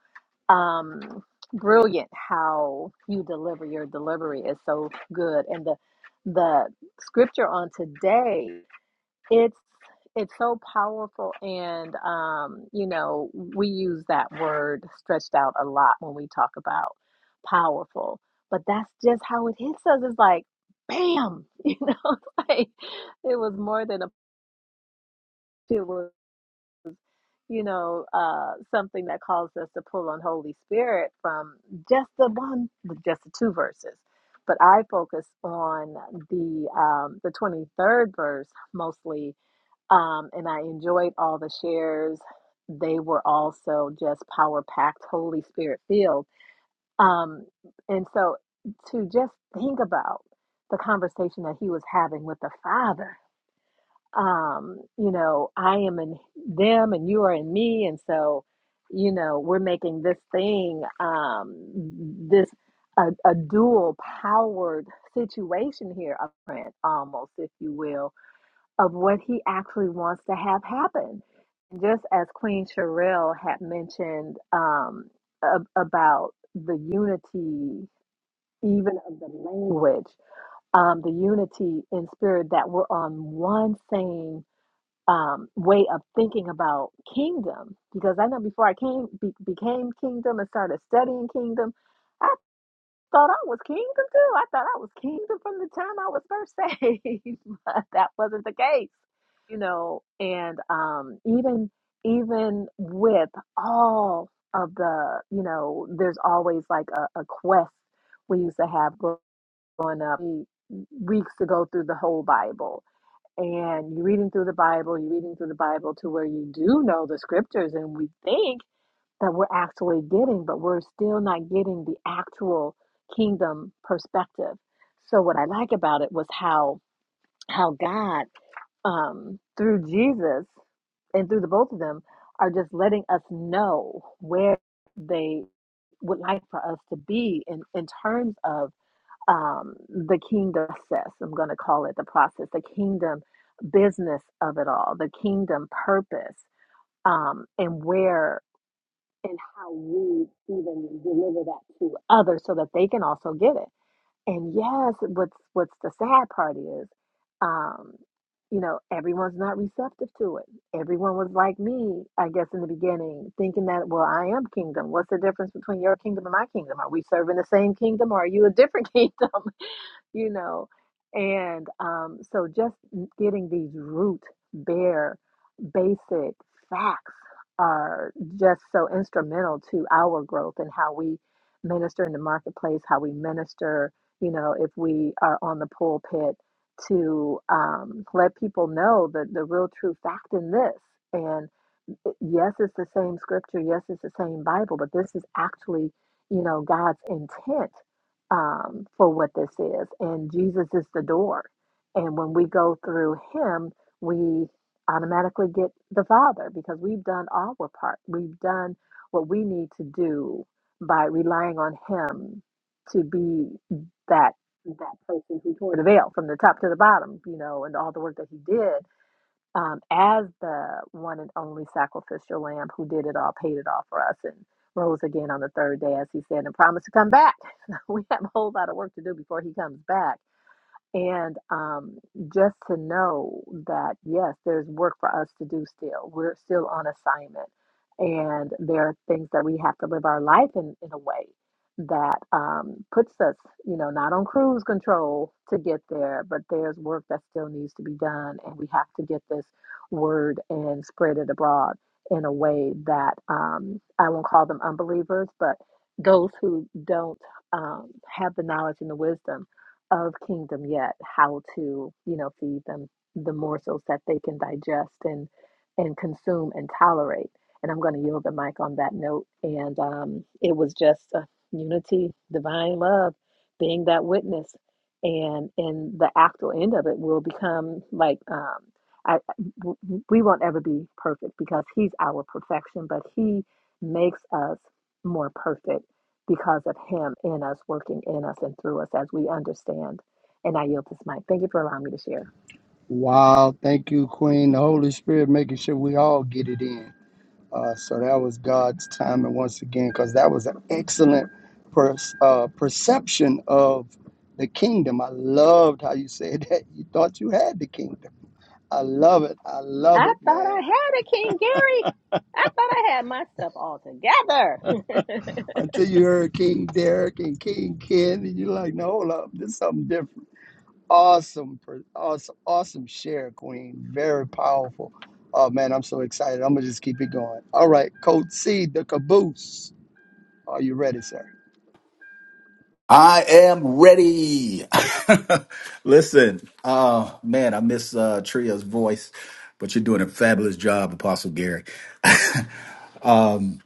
um, brilliant how you deliver your delivery is so good, and the the scripture on today it's it's so powerful and um, you know, we use that word stretched out a lot when we talk about powerful, but that's just how it hits us. It's like bam, you know, like it was more than a it was, you know, uh something that caused us to pull on Holy Spirit from just the one just the two verses. But I focus on the um the 23rd verse mostly um, and I enjoyed all the shares. They were also just power packed, Holy Spirit filled. Um, and so to just think about the conversation that he was having with the Father, um, you know, I am in them and you are in me. And so, you know, we're making this thing, um, this a, a dual powered situation here, a print almost, if you will of what he actually wants to have happen. Just as Queen Sherrill had mentioned um, ab- about the unity, even of the language, um, the unity in spirit that we're on one same um, way of thinking about kingdom. Because I know before I came be, became kingdom and started studying kingdom, I thought I was kingdom too. I thought I was kingdom from the time I was first saved, but that wasn't the case, you know. And um, even even with all of the, you know, there's always like a, a quest we used to have growing up, we- weeks to go through the whole Bible. And you're reading through the Bible, you're reading through the Bible to where you do know the scriptures, and we think that we're actually getting, but we're still not getting the actual kingdom perspective. So what I like about it was how how God um, through Jesus and through the both of them are just letting us know where they would like for us to be in, in terms of um, the kingdom process. I'm going to call it the process, the kingdom business of it all, the kingdom purpose, um, and where and how we even deliver that to others so that they can also get it. And yes, what's what's the sad part is, um, you know, everyone's not receptive to it. Everyone was like me, I guess, in the beginning, thinking that, well, I am kingdom. What's the difference between your kingdom and my kingdom? Are we serving the same kingdom, or are you a different kingdom? you know, and um, so just getting these root, bare, basic facts are just so instrumental to our growth and how we minister in the marketplace, how we minister you know, if we are on the pulpit to um, let people know that the real true fact in this. And yes, it's the same scripture, yes, it's the same Bible, but this is actually, you know, God's intent um, for what this is. And Jesus is the door. And when we go through him, we automatically get the Father because we've done our part. We've done what we need to do by relying on him to be that that person who tore the veil from the top to the bottom, you know, and all the work that he did um, as the one and only sacrificial lamb who did it all, paid it all for us, and rose again on the third day, as he said, and promised to come back. we have a whole lot of work to do before he comes back. And um, just to know that, yes, there's work for us to do still. We're still on assignment. And there are things that we have to live our life in, in a way that um, puts us, you know, not on cruise control to get there, but there's work that still needs to be done. And we have to get this word and spread it abroad in a way that um, I won't call them unbelievers, but those who don't um, have the knowledge and the wisdom of kingdom yet how to you know feed them the morsels that they can digest and and consume and tolerate and i'm going to yield the mic on that note and um, it was just uh, unity divine love being that witness and and the actual end of it will become like um I, w- w- we won't ever be perfect because he's our perfection but he makes us more perfect because of Him in us, working in us and through us as we understand. And I yield this mic. Thank you for allowing me to share.
Wow, thank you, Queen. The Holy Spirit making sure we all get it in. Uh, so that was God's timing once again, because that was an excellent per, uh, perception of the kingdom. I loved how you said that. You thought you had the kingdom. I love it. I love
I
it,
thought
man.
I had it, King Gary. I thought I had myself all together.
Until you heard King Derek and King Ken, and you're like, no, hold up, this is something different. Awesome, per- awesome, awesome share, Queen. Very powerful. Oh man, I'm so excited. I'm gonna just keep it going. All right, Coach C, the caboose. Are you ready, sir?
I am ready. Listen, uh, man, I miss uh, Tria's voice, but you're doing a fabulous job, Apostle Gary. um,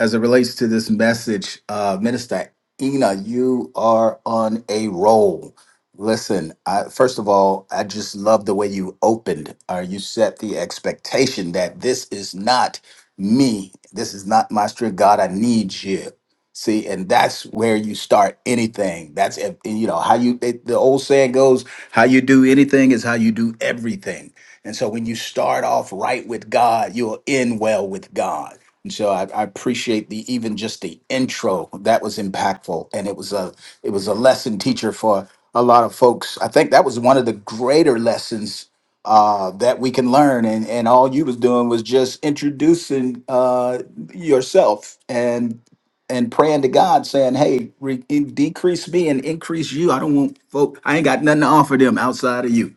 as it relates to this message, uh, Minister Ina, you are on a roll. Listen, I, first of all, I just love the way you opened or you set the expectation that this is not me. This is not my strength. God, I need you. See, and that's where you start anything. That's if- and, you know how you it, the old saying goes: how you do anything is how you do everything. And so, when you start off right with God, you'll end well with God. And so, I, I appreciate the even just the intro that was impactful, and it was a it was a lesson teacher for a lot of folks. I think that was one of the greater lessons uh, that we can learn. And and all you was doing was just introducing uh, yourself, and and praying to God, saying, "Hey, re- in- decrease me and increase you. I don't want folk. I ain't got nothing to offer them outside of you."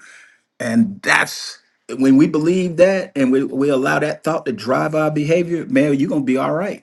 And that's when we believe that, and we we allow that thought to drive our behavior. Man, you're gonna be all right.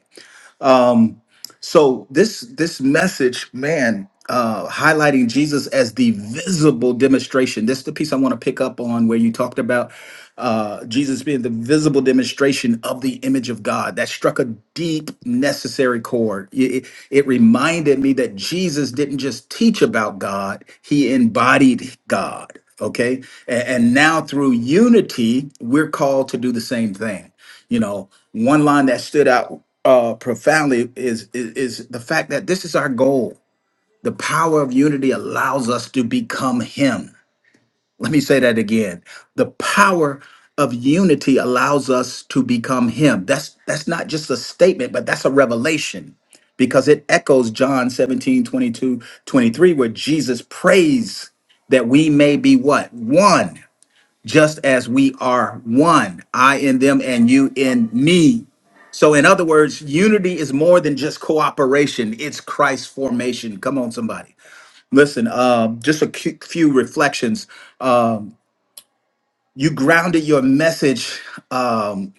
So this this message, man, uh, highlighting Jesus as the visible demonstration. This is the piece I want to pick up on where you talked about uh, Jesus being the visible demonstration of the image of God. That struck a deep, necessary chord. It, it, it reminded me that Jesus didn't just teach about God; he embodied God. Okay, and, and now through unity, we're called to do the same thing. You know, one line that stood out uh, profoundly is, is is the fact that this is our goal. The power of unity allows us to become Him. Let me say that again. The power of unity allows us to become Him. That's that's not just a statement, but that's a revelation because it echoes John 17 22 23, where Jesus prays that we may be what? One just as we are one, I in them and you in me. So, in other words, unity is more than just cooperation, it's Christ formation. Come on, somebody. Listen, um, just a cu- few reflections. Um, you grounded your message um,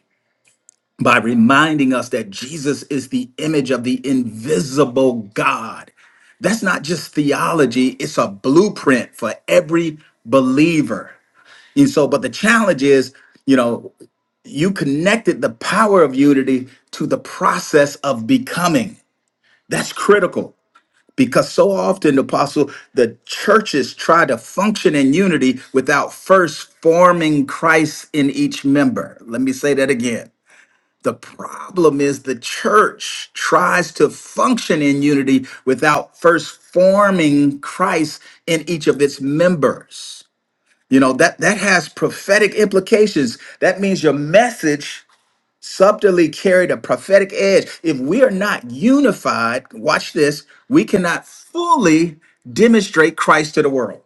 by reminding us that Jesus is the image of the invisible God. That's not just theology, it's a blueprint for every believer. And so, but the challenge is, you know, you connected the power of unity to the process of becoming. That's critical because so often, Apostle, the churches try to function in unity without first forming Christ in each member. Let me say that again. The problem is the church tries to function in unity without first forming Christ in each of its members. You know, that that has prophetic implications. That means your message subtly carried a prophetic edge. If we are not unified, watch this, we cannot fully demonstrate Christ to the world.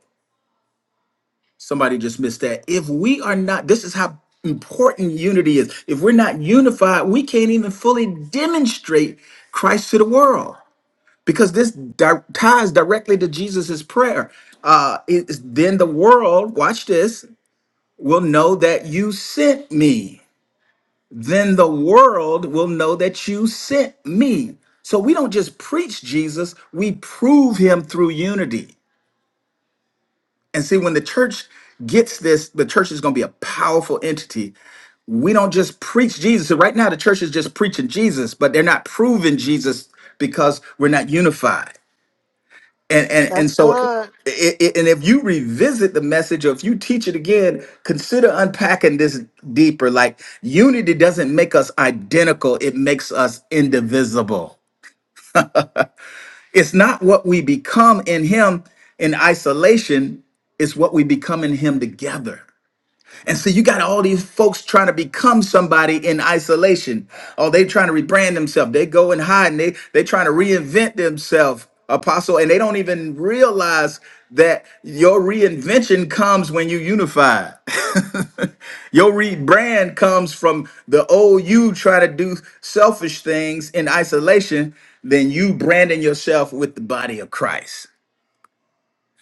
Somebody just missed that. If we are not, this is how important unity is. If we're not unified, we can't even fully demonstrate Christ to the world because this di- ties directly to Jesus's prayer. Uh, it is, then the world, watch this, will know that you sent me. then the world will know that you sent me. So we don't just preach Jesus, we prove him through unity. And see, when the church gets this, the church is going to be a powerful entity. We don't just preach Jesus. So right now, the church is just preaching Jesus, but they're not proving Jesus because we're not unified and and
that's
and so it,
good
it, and if you revisit the message or if you teach it again consider unpacking this deeper like unity doesn't make us identical it makes us indivisible it's not what we become in him in isolation it's what we become in him together and so you got all these folks trying to become somebody in isolation. Oh, they trying to rebrand themselves. They go and hide and they they trying to reinvent themselves, apostle, and they don't even realize that your reinvention comes when you unify. your rebrand comes from the old you trying to do selfish things in isolation, then you branding yourself with the body of Christ.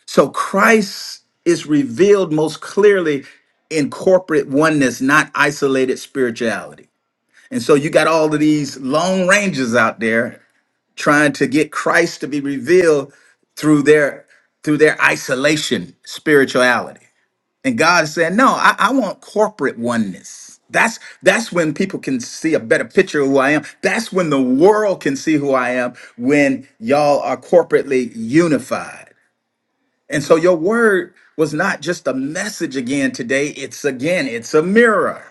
So Christ is revealed most clearly in corporate oneness, not isolated spirituality. And so you got all of these lone rangers out there trying to get Christ to be revealed through their through their isolation spirituality. And God is saying, No, I, I want corporate oneness. That's that's when people can see a better picture of who I am. That's when the world can see who I am when y'all are corporately unified. And so your word was not just a message again today, it's again, it's a mirror.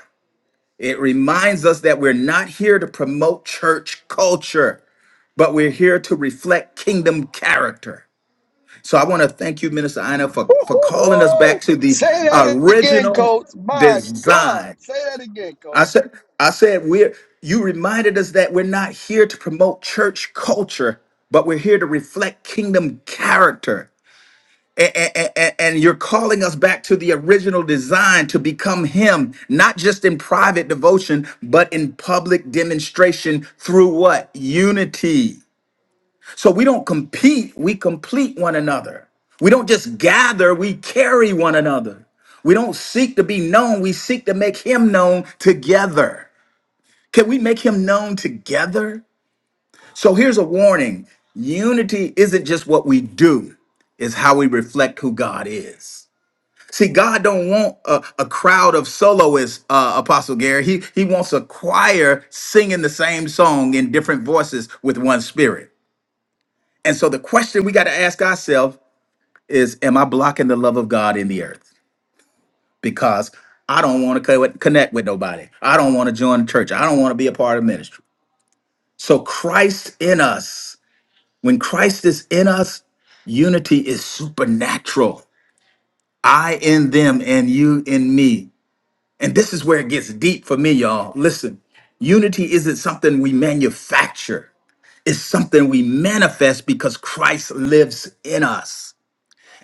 It reminds us that we're not here to promote church culture, but we're here to reflect kingdom character. So I want to thank you, Minister Ina, for, for calling us back
Woo-hoo-hoo!
to the
Say that again,
original
Coach. My
design.
God, say that again,
I
Coach.
said, I said, we're you reminded us that we're not here to promote church culture, but we're here to reflect kingdom character and, and, and you're calling us back to the original design to become him not just in private devotion but in public demonstration through what unity so we don't compete we complete one another we don't just gather we carry one another we don't seek to be known we seek to make him known together can we make him known together so here's a warning unity isn't just what we do it's how we reflect who god is See, God don't want a, a crowd of soloists, uh, Apostle Gary. He he wants a choir singing the same song in different voices with one spirit. And so the question we got to ask ourselves is, am I blocking the love of God in the earth? Because I don't want to connect with nobody. I don't want to join the church. I don't want to be a part of ministry. So Christ in us, when Christ is in us, unity is supernatural. I in them and you in me And this is where it gets deep for me, y'all. Listen, unity isn't something we manufacture, it's something we manifest because Christ lives in us.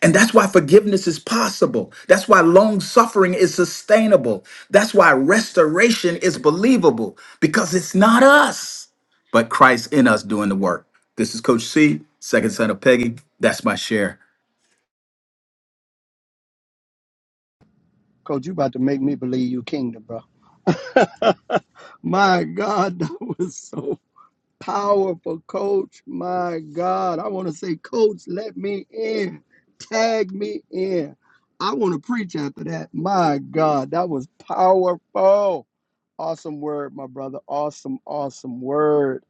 And that's why forgiveness is possible. That's why long suffering is sustainable. That's why restoration is believable because it's not us, but Christ in us doing the work. This is Coach C, second son of Peggy. That's my share.
Coach, you about to make me believe you kingdom, bro. My God, that was so Powerful coach. My God. I want to say, Coach, let me in. Tag me in. I want to preach after that. My God. That was powerful. Awesome word, my brother. Awesome, awesome word.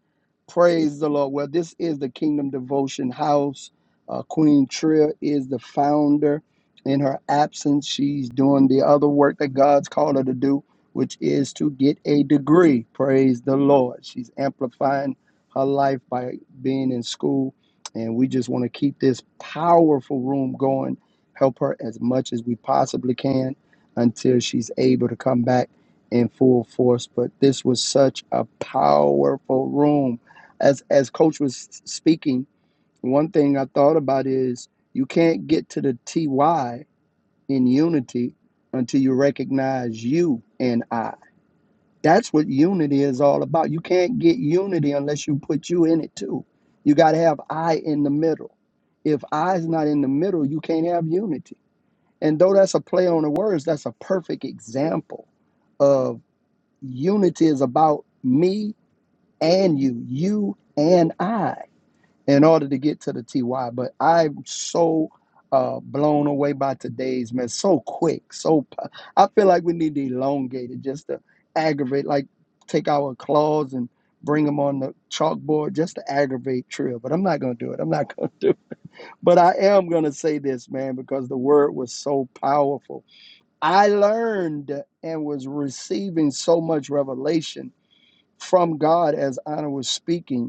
Praise the Lord. Well, this is the Kingdom Devotion House. Uh, Queen Tria is the founder. In her absence, she's doing the other work that God's called her to do, which is to get a degree. Praise the Lord. She's amplifying her life by being in school. And we just want to keep this powerful room going, help her as much as we possibly can until she's able to come back in full force. But this was such a powerful room as as coach was speaking one thing i thought about is you can't get to the ty in unity until you recognize you and i that's what unity is all about you can't get unity unless you put you in it too you got to have i in the middle if I i's not in the middle you can't have unity and though that's a play on the words that's a perfect example of unity is about me and you you and i in order to get to the TY. But I'm so uh, blown away by today's man, so quick, so p- I feel like we need to elongate it just to aggravate, like take our claws and bring them on the chalkboard just to aggravate Trill. But I'm not gonna do it. I'm not gonna do. It. But I am gonna say this, man, because the word was so powerful. I learned and was receiving so much revelation from God as Anna was speaking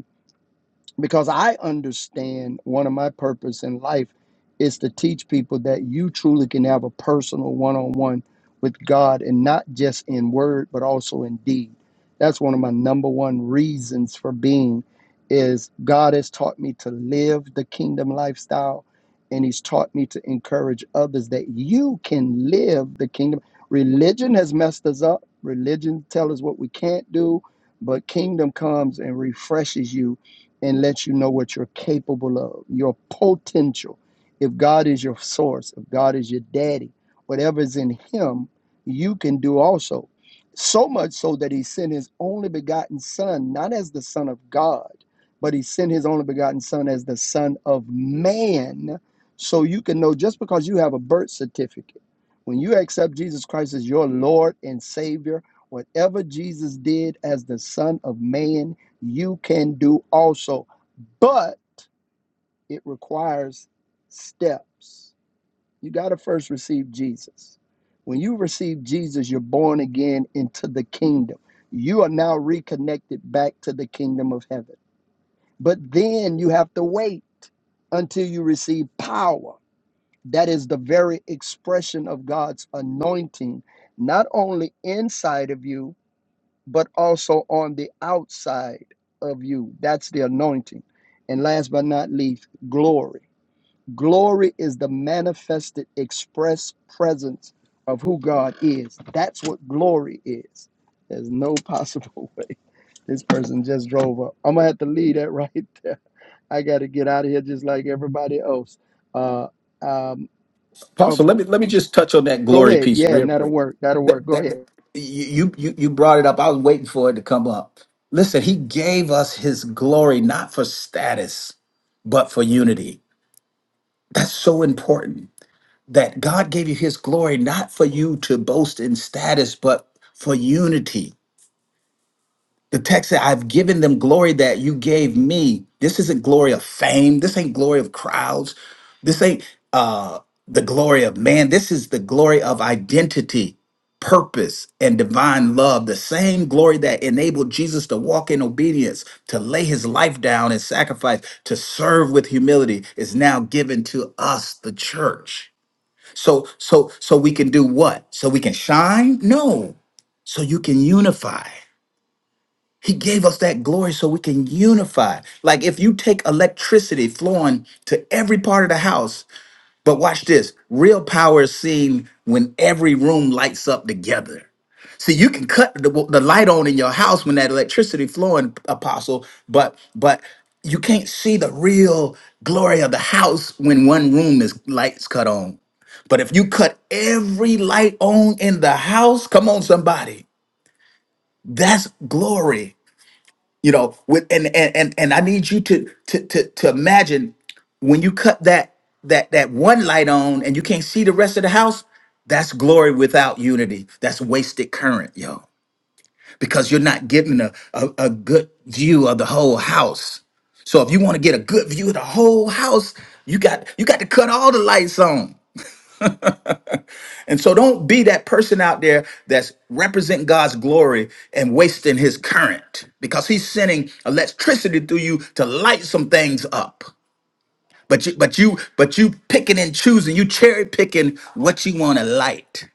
because I understand one of my purpose in life is to teach people that you truly can have a personal one-on-one with God and not just in word but also in deed. That's one of my number one reasons for being is God has taught me to live the kingdom lifestyle and he's taught me to encourage others that you can live the kingdom. Religion has messed us up. Religion tells us what we can't do, but kingdom comes and refreshes you and let you know what you're capable of, your potential. If God is your source, if God is your daddy, whatever is in Him, you can do also. So much so that He sent His only begotten Son, not as the Son of God, but He sent His only begotten Son as the Son of man. So you can know just because you have a birth certificate, when you accept Jesus Christ as your Lord and Savior, whatever Jesus did as the Son of man, you can do also, but it requires steps. You got to first receive Jesus. When you receive Jesus, you're born again into the kingdom. You are now reconnected back to the kingdom of heaven. But then you have to wait until you receive power. That is the very expression of God's anointing, not only inside of you, but also on the outside of you. That's the anointing. And last but not least, glory. Glory is the manifested, express presence of who God is. That's what glory is. There's no possible way. This person just drove up. I'm going to have to leave that right there. I got to get out of here just like everybody else. Uh, um,
Apostle,
of
let
cou-
me let me just touch on that
Go
glory
ahead.
piece
Yeah,
real
and that'll
quick.
work. That'll work.
That,
Go
that, that-
ahead.
you you you brought it up. I was waiting for it to come up. Listen, he gave us his glory not for status, but for unity. That's so important. That God gave you his glory not for you to boast in status, but for unity the text said, I've given them glory that you gave me. This isn't glory of fame. This ain't glory of crowds. This ain't uh, the glory of man. This is the glory of identity, purpose, and divine love. The same glory that enabled Jesus to walk in obedience, to lay his life down and sacrifice, to serve with humility is now given to us, the church. So, so, so we can do what? So we can shine? No. So you can unify. He gave us that glory so we can unify. Like if you take electricity flowing to every part of the house, but watch this real power is seen when every room lights up together. See, you can cut the, the light on in your house when that electricity flowing, apostle, but but you can't see the real glory of the house when one room is lights cut on. But if you cut every light on in the house, come on, somebody, that's glory you know with and and and, and i need you to, to to to imagine when you cut that that that one light on and you can't see the rest of the house that's glory without unity that's wasted current yo because you're not getting a, a, a good view of the whole house so if you want to get a good view of the whole house you got you got to cut all the lights on and so don't be that person out there that's representing God's glory and wasting his current because he's sending electricity through you to light some things up. But you but you but you picking and choosing, you cherry picking what you want to light.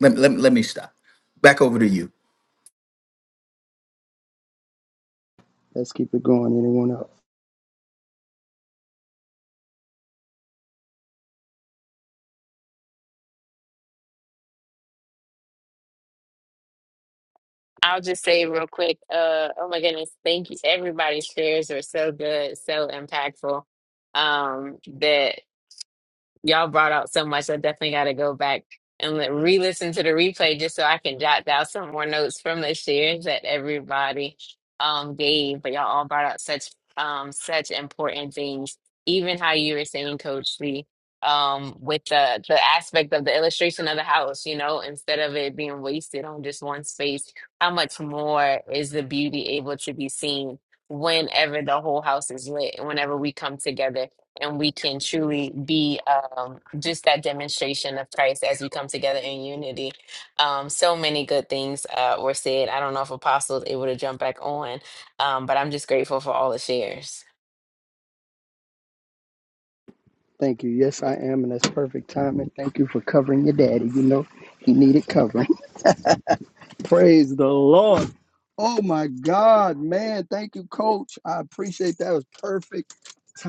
Let, let, let me stop. Back over to you.
Let's keep it going. Anyone else?
I'll just say real quick, uh, oh my goodness, thank you. Everybody's shares are so good, so impactful. Um, that y'all brought out so much. I definitely got to go back and li- re-listen to the replay just so I can jot down some more notes from the shares that everybody um gave. But y'all all brought out such um such important things. Even how you were saying, Coach Lee, um, with the the aspect of the illustration of the house, you know, instead of it being wasted on just one space, how much more is the beauty able to be seen whenever the whole house is lit, and whenever we come together? and we can truly be um, just that demonstration of Christ as we come together in unity. Um, so many good things uh, were said. I don't know if Apostle is able to jump back on, um, but I'm just grateful for all the shares.
Thank you. Yes, I am, and that's perfect timing. Thank you for covering your daddy. You know, he needed covering. Praise the Lord. Oh my God, man. Thank you, coach. I appreciate that. It was perfect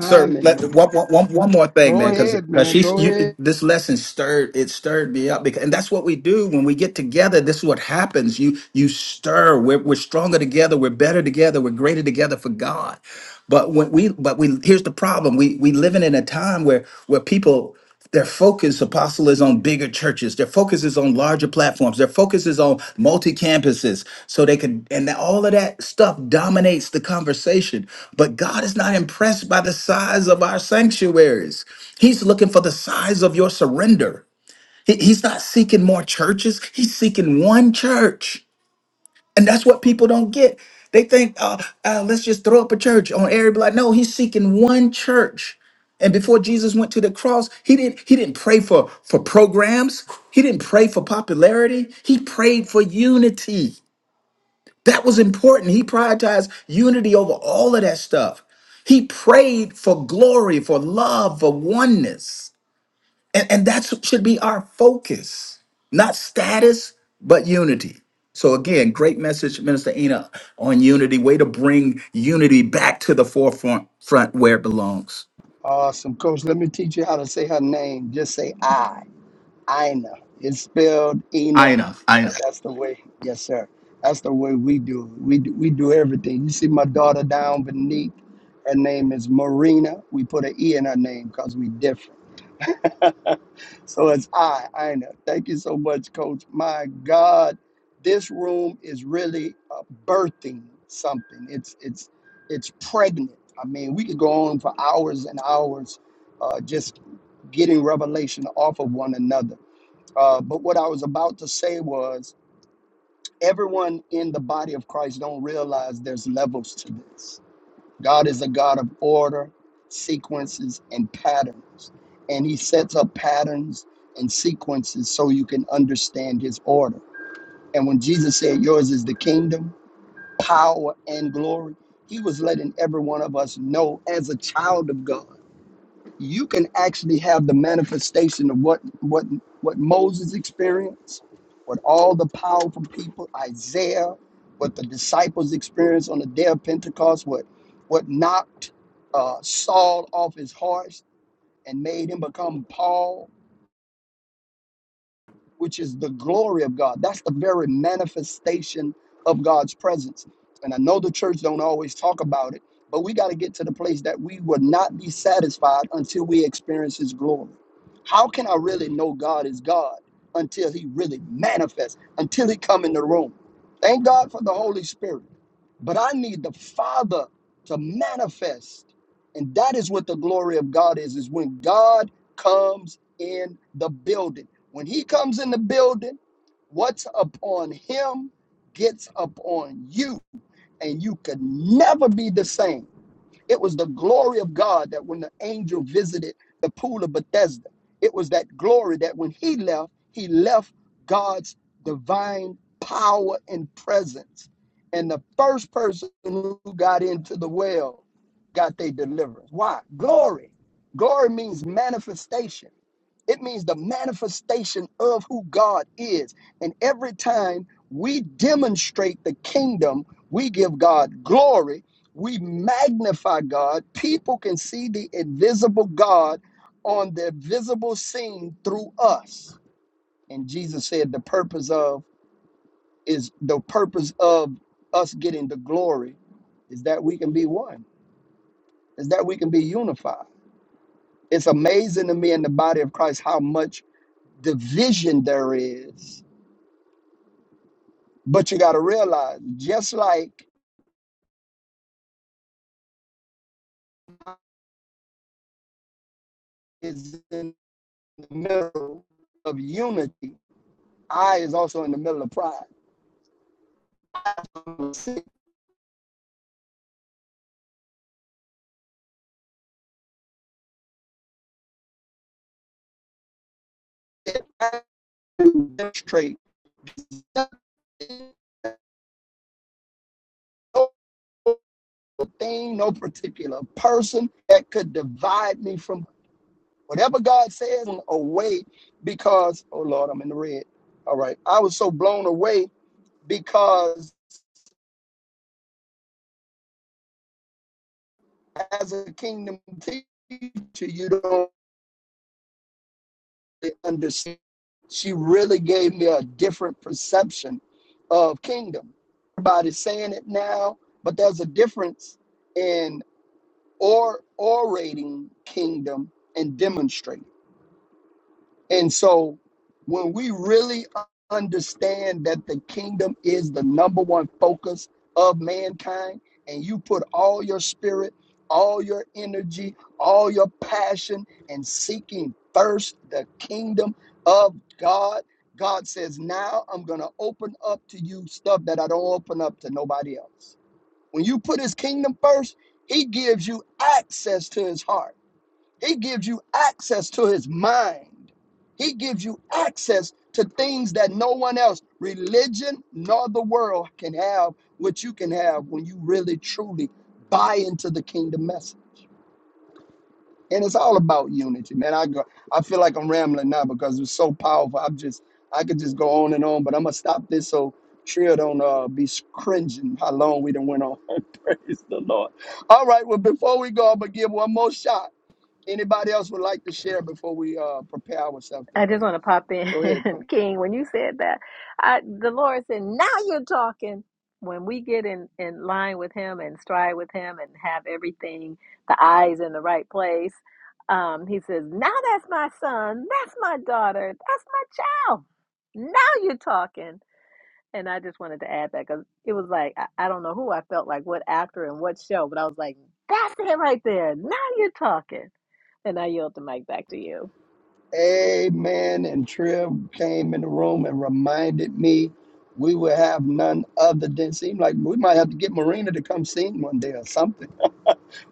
Sir, let,
man.
one, one, one one more thing,
Go
man, because
ahead,
because
man.
she
Go
you,
ahead.
this lesson stirred it stirred me up because and that's what we do when we get together. This is what happens. You you stir. We're we're stronger together. We're better together. We're greater together for God. But when we but we here's the problem. We we living in a time where where people. Their focus, apostle, is on bigger churches. Their focus is on larger platforms. Their focus is on multi campuses. So they can, and all of that stuff dominates the conversation. But God is not impressed by the size of our sanctuaries. He's looking for the size of your surrender. He- he's not seeking more churches, He's seeking one church. And that's what people don't get. They think, uh, uh, let's just throw up a church on everybody. No, he's seeking one church. And before Jesus went to the cross, he didn't he didn't pray for for programs. He didn't pray for popularity. He prayed for unity. That was important. He prioritized unity over all of that stuff. He prayed for glory, for love, for oneness. And, and that should be our focus, not status, but unity. So, again, great message, Minister Ina, on unity. Way to bring unity back to the forefront front where it belongs.
Awesome, coach. Let me teach you how to say her name. Just say I. Ina. It's spelled Ina,
Ina,
but
Ina.
that's the way. Yes, sir. That's the way we do. it. We do, we do everything. You see my daughter down beneath. Her name is Marina. We put an E in her name because we different. So it's I, Ina. Thank you so much, Coach. My God, this room is really uh, birthing something. It's it's it's pregnant. I mean, we could go on for hours and hours, uh, just getting revelation off of one another uh, but what I was about to say was everyone in the body of Christ don't realize there's levels to this. God is a God of order, sequences, and patterns. And he sets up patterns and sequences so you can understand his order. And when Jesus said, Yours is the kingdom, power, and glory, he was letting every one of us know as a child of God you can actually have the manifestation of what what what Moses experienced, what all the powerful people, Isaiah, what the disciples experienced on the day of Pentecost, what what knocked uh, Saul off his horse and made him become Paul which is the glory of God. That's the very manifestation of God's presence. And I know the church don't always talk about it, but we got to get to the place that we will not be satisfied until we experience his glory. How can I really know God is God until he really manifests, until he come in the room? Thank God for the Holy Spirit. But I need the Father to manifest. And that is what the glory of God is, is when God comes in the building. When he comes in the building, what's upon him gets upon you. And you could never be the same. It was the glory of God that when the angel visited the pool of Bethesda, it was that glory that when he left, he left God's divine power and presence. And the first person who got into the well got their deliverance. Why? Glory. Glory means manifestation. It means the manifestation of who God is. And every time we demonstrate the kingdom, we give God glory, we magnify God. People can see the invisible God on the visible scene through us. And Jesus said the purpose of is the purpose of us getting the glory is that we can be one, is that we can be unified. It's amazing to me in the body of Christ how much division there is But you got to realize, just like is in the middle of unity, I is also in the middle of pride. Demonstrate no thing, no particular person that could divide me from whatever God says away because, oh Lord, I'm in the red. All right. I was so blown away because as a kingdom teacher, you don't really understand. She really gave me a different perception of kingdom. Everybody's saying it now, but there's a difference in or orating kingdom and demonstrating. And so when we really understand that the kingdom is the number one focus of mankind, and you put all your spirit, all your energy, all your passion, and seeking first the kingdom of God, God says, Now I'm going to open up to you stuff that I don't open up to nobody else. When you put his kingdom first, he gives you access to his heart. He gives you access to his mind. He gives you access to things that no one else, religion nor the world, can have, what you can have when you really truly buy into the kingdom message. And it's all about unity, man. I go, I feel like I'm rambling now because it's so powerful. I'm just, I could just go on and on, but I'm gonna stop this so Trill don't uh, be cringing how long we done went on. Praise the Lord. All right, well, before we go, I'm gonna give one more shot. Anybody else would like to share before we uh, prepare ourselves to
I
close?
just want to pop in,
Go ahead, Queen.
King. When you said that, I, the Lord said, "Now you're talking." When we get in in line with Him and stride with Him and have everything, the eyes in the right place, um, He says, "Now that's my son. That's my daughter. That's my child. Now you're talking." And I just wanted to add that because it was like I, I don't know who I felt like, what actor and what show, but I was like, "That's it right there. Now you're talking." And I yield the mic back to you.
Amen. And Triv came in the room and reminded me we will have none other than seem like we might have to get Marina to come sing one day or something.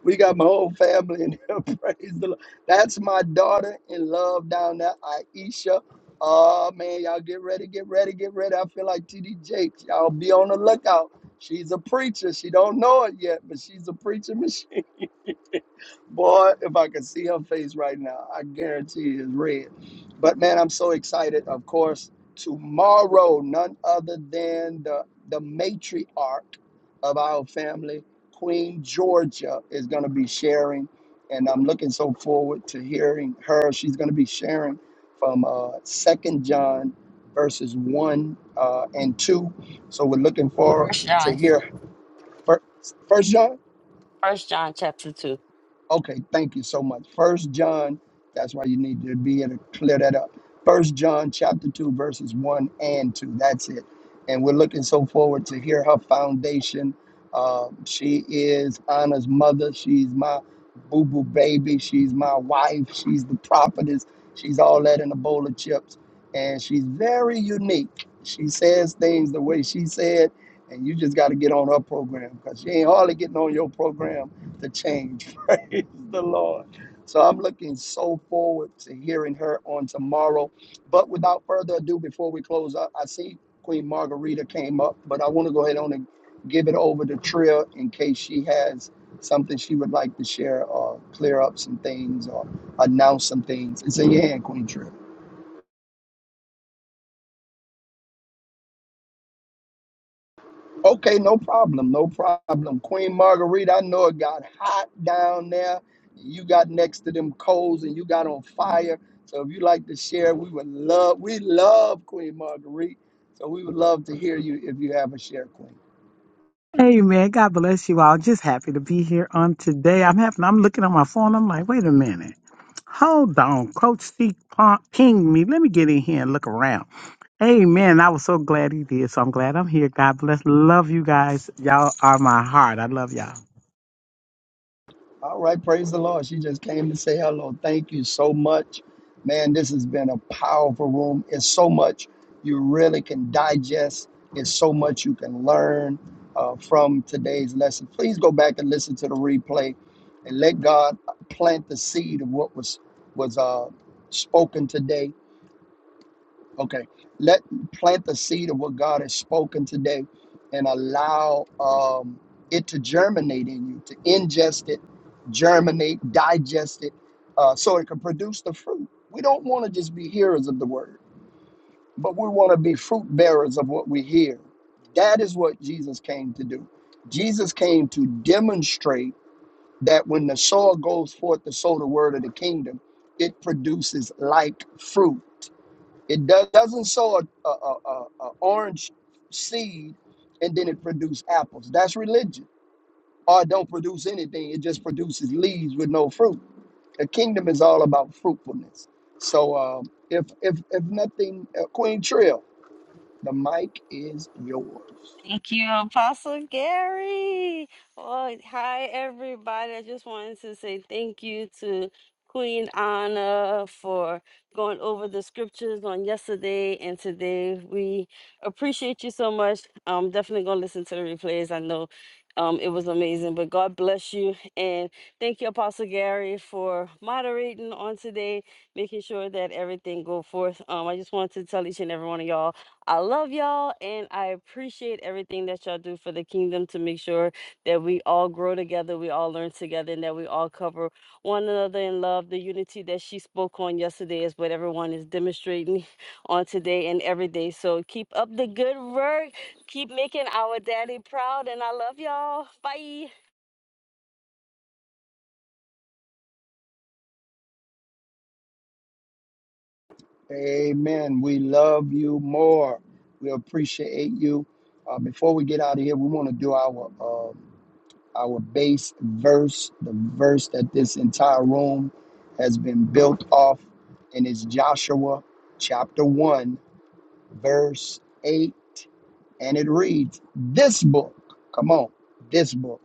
We got my whole family in here. Praise the Lord. That's my daughter in love down there, Aisha. Oh man, y'all get ready, get ready, get ready. I feel like TD Jakes. Y'all be on the lookout. She's a preacher. She don't know it yet, but she's a preacher Boy, if I could see her face right now, I guarantee it's red. But man, I'm so excited. Of course, tomorrow, none other than the, the matriarch of our family, Queen Georgia, is going to be sharing. And I'm looking so forward to hearing her. She's going to be sharing from uh, 2 John verses 1 uh, and 2. So we're looking forward
First
to
John.
hear first John.
First John chapter two.
Okay, thank you so much. First John, that's why you need to be able to clear that up. First John chapter two, verses one and two. That's it. And we're looking so forward to hear her foundation. Uh, she is Anna's mother. She's my boo boo baby. She's my wife. She's the prophetess. She's all that in a bowl of chips. And she's very unique. She says things the way she said, and you just got to get on her program because she ain't hardly getting on your program to change. Praise the Lord. So I'm looking so forward to hearing her on tomorrow. But without further ado, before we close up, I see Queen Margarita came up, but I want to go ahead on and give it over to Tria in case she has something she would like to share or clear up some things or announce some things. It's in your hand, Queen Tria. Okay, no problem, no problem. Queen Marguerite, I know it got hot down there. You got next to them coals and you got on fire. So if you like to share, we would love, we love Queen Marguerite. So we would love to hear you if you have a share, Queen.
Amen. God bless you all. Just happy to be here on today. I'm happy. I'm looking on my phone. I'm like, wait a minute. Hold on. Coach C pon- pinged me. Let me get in here and look around. Amen. I was so glad he did. So I'm glad I'm here. God bless. Love you guys. Y'all are my heart. I love y'all.
All right, praise the Lord. She just came to say hello. Thank you so much. Man, this has been a powerful room. It's so much you really can digest, it's so much you can learn uh, from today's lesson. Please go back and listen to the replay and let God plant the seed of what was was uh, spoken today Okay. Let plant the seed of what God has spoken today and allow um, it to germinate in you, to ingest it, germinate, digest it, uh, so it can produce the fruit. We don't want to just be hearers of the word, but we want to be fruit bearers of what we hear. That is what Jesus came to do. Jesus came to demonstrate that when the sower goes forth to sow the word of the kingdom, it produces like fruit. It do- doesn't sow a, a, a, a a orange seed and then it produce apples. That's religion. Or it don't produce anything. It just produces leaves with no fruit. The kingdom is all about fruitfulness. So um, if if if nothing, uh, Queen Trill, the mic is yours.
Thank you, Apostle Gary. Well, hi, everybody. I just wanted to say thank you to Queen Anna for going over the scriptures on yesterday and today. We appreciate you so much. I'm definitely going to listen to the replays. I know um, it was amazing, but God bless you. And thank you, Apostle Gary, for moderating on today, making sure that everything go forth. Um, I just wanted to tell each and every one of y'all. I love y'all and I appreciate everything that y'all do for the kingdom to make sure that we all grow together, we all learn together, and that we all cover one another in love. The unity that she spoke on yesterday is what everyone is demonstrating on today and every day. So keep up the good work. Keep making our daddy proud. And I love y'all. Bye.
Amen. We love you more. We appreciate you. Uh, before we get out of here, we want to do our um, our base verse, the verse that this entire room has been built off, and it's Joshua chapter 1, verse 8. And it reads, This book, come on, this book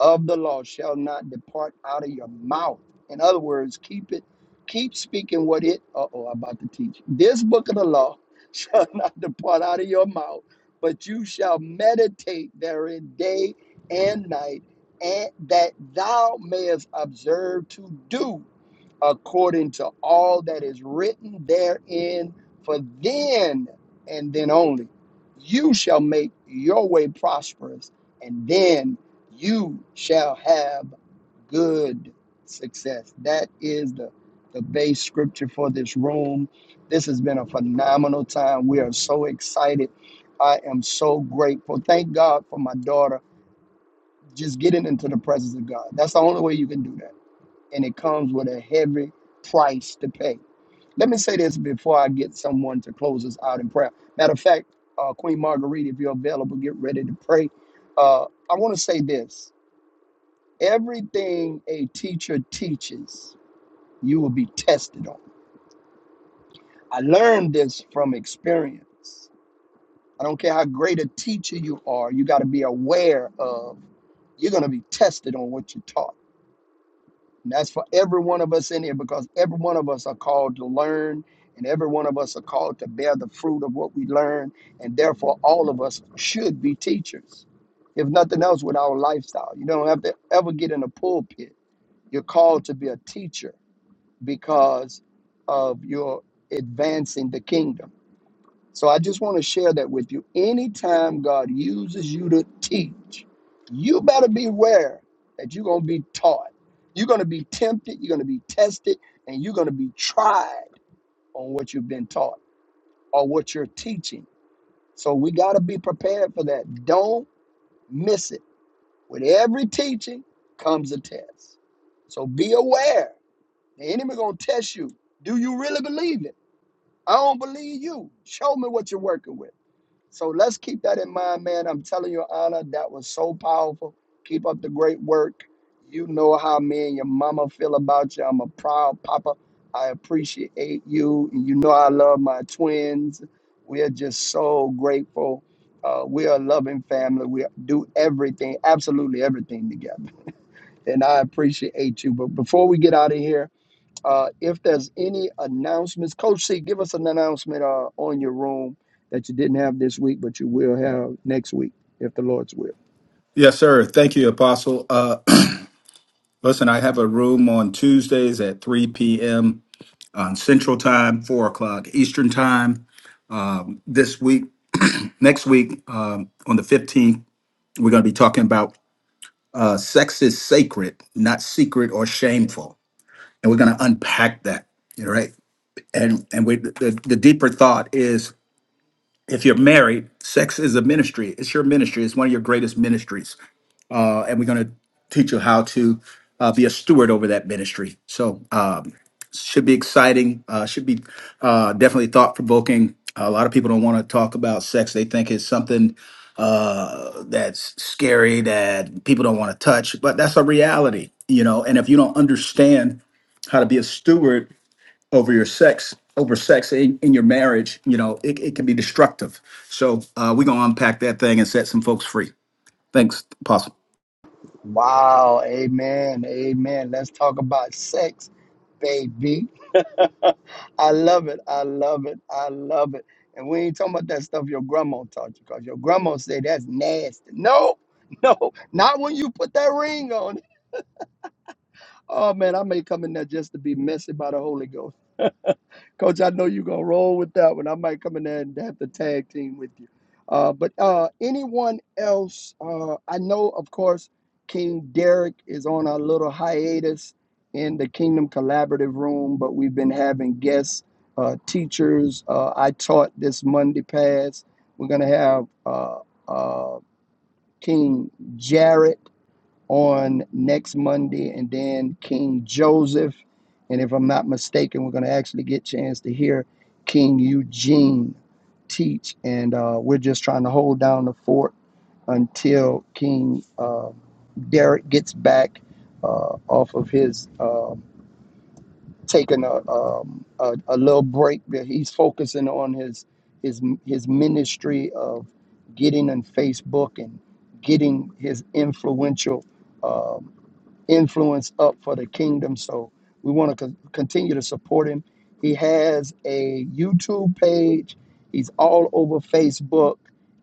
of the law shall not depart out of your mouth. In other words, keep it, keep speaking what it, uh oh, I'm about to teach. This book of the law shall not depart out of your mouth, but you shall meditate therein day and night, and that thou mayest observe to do according to all that is written therein. For then and then only you shall make your way prosperous, and then you shall have good success. That is the, the base scripture for this room. This has been a phenomenal time. We are so excited. I am so grateful. Thank God for my daughter just getting into the presence of God. That's the only way you can do that and it comes with a heavy price to pay. Let me say this before I get someone to close us out in prayer. Matter of fact, uh, Queen Marguerite, if you're available, get ready to pray. Uh, I want to say this everything a teacher teaches, you will be tested on. I learned this from experience. I don't care how great a teacher you are, you got to be aware of you're going to be tested on what you taught And that's for every one of us in here because every one of us are called to learn and every one of us are called to bear the fruit of what we learn. And therefore, all of us should be teachers, if nothing else, with our lifestyle. You don't have to ever get in a pulpit. You're called to be a teacher because of your advancing the kingdom. So I just want to share that with you. Anytime God uses you to teach, you better beware that you're going to be taught. You're going to be tempted, you're going to be tested, and you're going to be tried on what you've been taught or what you're teaching. So we got to be prepared for that. Don't miss it. With every teaching comes a test. So be aware. The enemy going to test you. Do you really believe it? I don't believe you. Show me what you're working with. So let's keep that in mind, man. I'm telling you, Anna, that was so powerful. Keep up the great work. You know how me and your mama feel about you. I'm a proud papa. I appreciate you. And you know I love my twins. We are just so grateful. Uh, we are a loving family. We do everything, absolutely everything together. And I appreciate you. But before we get out of here, uh, if there's any announcements, Coach C, give us an announcement uh, on your room that you didn't have this week, but you will have next week, if the Lord's will.
Yes, sir. Thank you, Apostle. Uh, listen, I have a room on Tuesdays at 3 p.m. on Central Time, 4 o'clock Eastern Time. Um, this week, next week, um, on the 15th, we're going to be talking about uh, sex is sacred, not secret or shameful. and we're going to unpack that you know right and and we the, the deeper thought is if you're married sex is a ministry it's your ministry it's one of your greatest ministries uh and we're going to teach you how to uh, be a steward over that ministry so um should be exciting uh should be uh definitely thought provoking a lot of people don't want to talk about sex they think it's something uh that's scary that people don't want to touch but that's a reality you know and if you don't understand how to be a steward over your sex over sex in, in your marriage you know it, it can be destructive so uh, we're going to unpack that thing and set some folks free thanks apostle
Wow. Amen. Amen. Let's talk about sex, baby. I love it. I love it. I love it. And we ain't talking about that stuff your grandma taught you because your grandma said that's nasty. No, no, not when you put that ring on. Oh, man, I may come in there just to be messy by the Holy Ghost. Coach, I know you're gonna roll with that one. I might come in there and have to tag team with you. Uh, but uh, anyone else? Uh, I know, of course, King Derek is on a little hiatus in the Kingdom Collaborative Room, but we've been having guests, uh, teachers. Uh, I taught this Monday past. We're gonna have uh, uh, King Jarrett on next Monday, and then King Joseph. And if I'm not mistaken, we're going to actually get a chance to hear King Eugene teach. And uh, we're just trying to hold down the fort until King uh, Derek gets back uh, off of his uh, taking a, um, a a little break. that He's focusing on his his his ministry of getting on Facebook and getting his influential. um, influence up for the kingdom. So we want to co- continue to support him. He has a YouTube page. He's all over Facebook.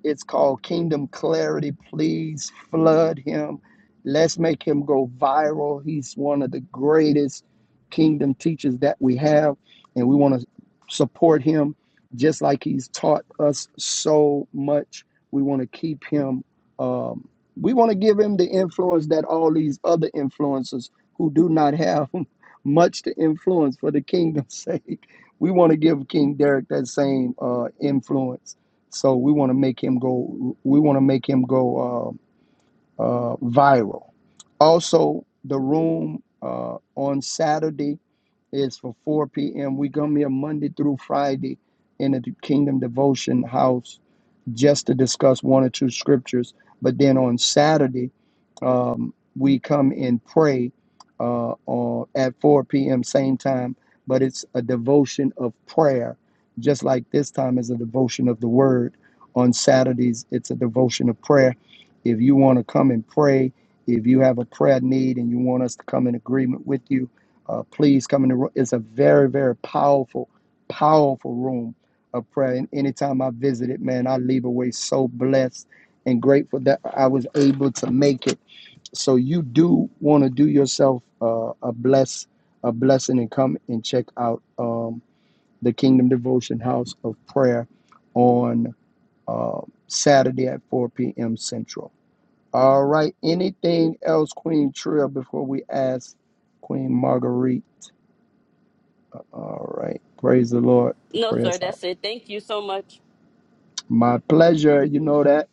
It's called Kingdom Clarity. Please flood him. Let's make him go viral. He's one of the greatest kingdom teachers that we have, and we want to support him just like he's taught us so much. We want to keep him. um, we want to give him the influence that all these other influencers who do not have much to influence for the kingdom's sake. We want to give King Derek that same uh, influence. So we want to make him go. We want to make him go uh, uh, viral. Also, the room uh, on Saturday is for 4 p.m. We come here Monday through Friday in the Kingdom Devotion House just to discuss one or two scriptures. But then on Saturday, um, we come and pray uh, on, at 4 p.m. same time, but it's a devotion of prayer, just like this time is a devotion of the word. On Saturdays, it's a devotion of prayer. If you want to come and pray, if you have a prayer need and you want us to come in agreement with you, uh, please come in the room. It's a very, very powerful, powerful room of prayer. And anytime I visited, man, I leave away so blessed and grateful that I was able to make it. So you do want to do yourself uh, a bless a blessing and come and check out um, the Kingdom Devotion House of Prayer on uh, Saturday at 4 p.m. Central. All right. Anything else, Queen Trill, before we ask Queen Marguerite? All right. Praise the Lord. The
No, sir,
prayer's out.
that's it. Thank you so much.
My pleasure. You know that.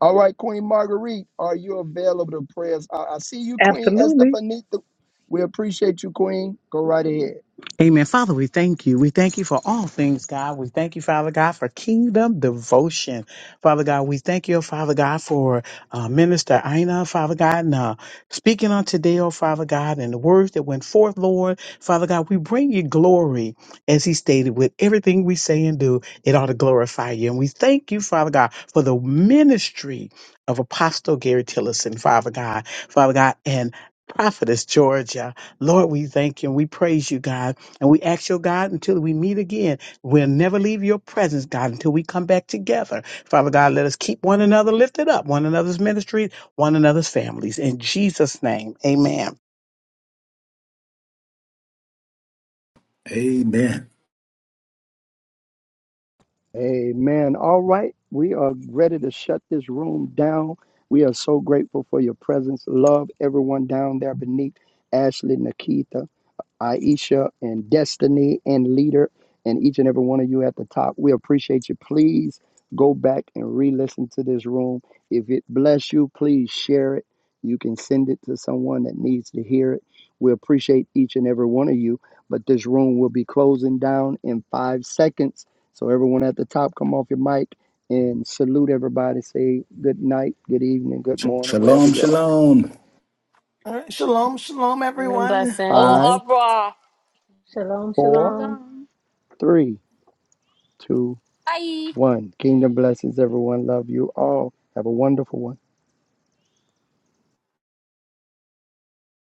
All right, Queen Marguerite, are you available to pray us out? I see you, Queen Estefanita. We appreciate you, Queen. Go right ahead.
Amen. Father, we thank you. We thank you for all things, God. We thank you, Father God, for kingdom devotion. Father God, we thank you, Father God, for uh, Minister Ina, Father God, and uh, speaking on today, oh Father God, and the words that went forth, Lord. Father God, we bring you glory, as he stated, with everything we say and do, it ought to glorify you. And we thank you, Father God, for the ministry of Apostle Gary Tillison, Father God, Father God, and Prophetess Georgia. Lord, we thank you and we praise you, God. And we ask your God until we meet again, we'll never leave your presence, God, until we come back together. Father God, let us keep one another lifted up, one another's ministry, one another's families. In Jesus' name, amen.
amen
Amen. All right. We are ready to shut this room down. We are so grateful for your presence. Love everyone down there beneath Ashley, Nikita. Aisha and Destiny and Leader and each and every one of you at the top. We appreciate you. Please go back and re listen to this room. If it bless you, please share it. You can send it to someone that needs to hear it. We appreciate each and every one of you. But this room will be closing down in five seconds. So, everyone at the top, come off your mic and salute everybody. Say good night, good evening, good
Sh-
morning, wherever
shalom
you are.
shalom
all right shalom shalom
Mm,
everyone
Blessings.
Au
Five,
revoir.
Shalom,
four,
shalom.
Hello
three, two,
Bye.
One, kingdom blessings, everyone. Love you all. Have a wonderful one.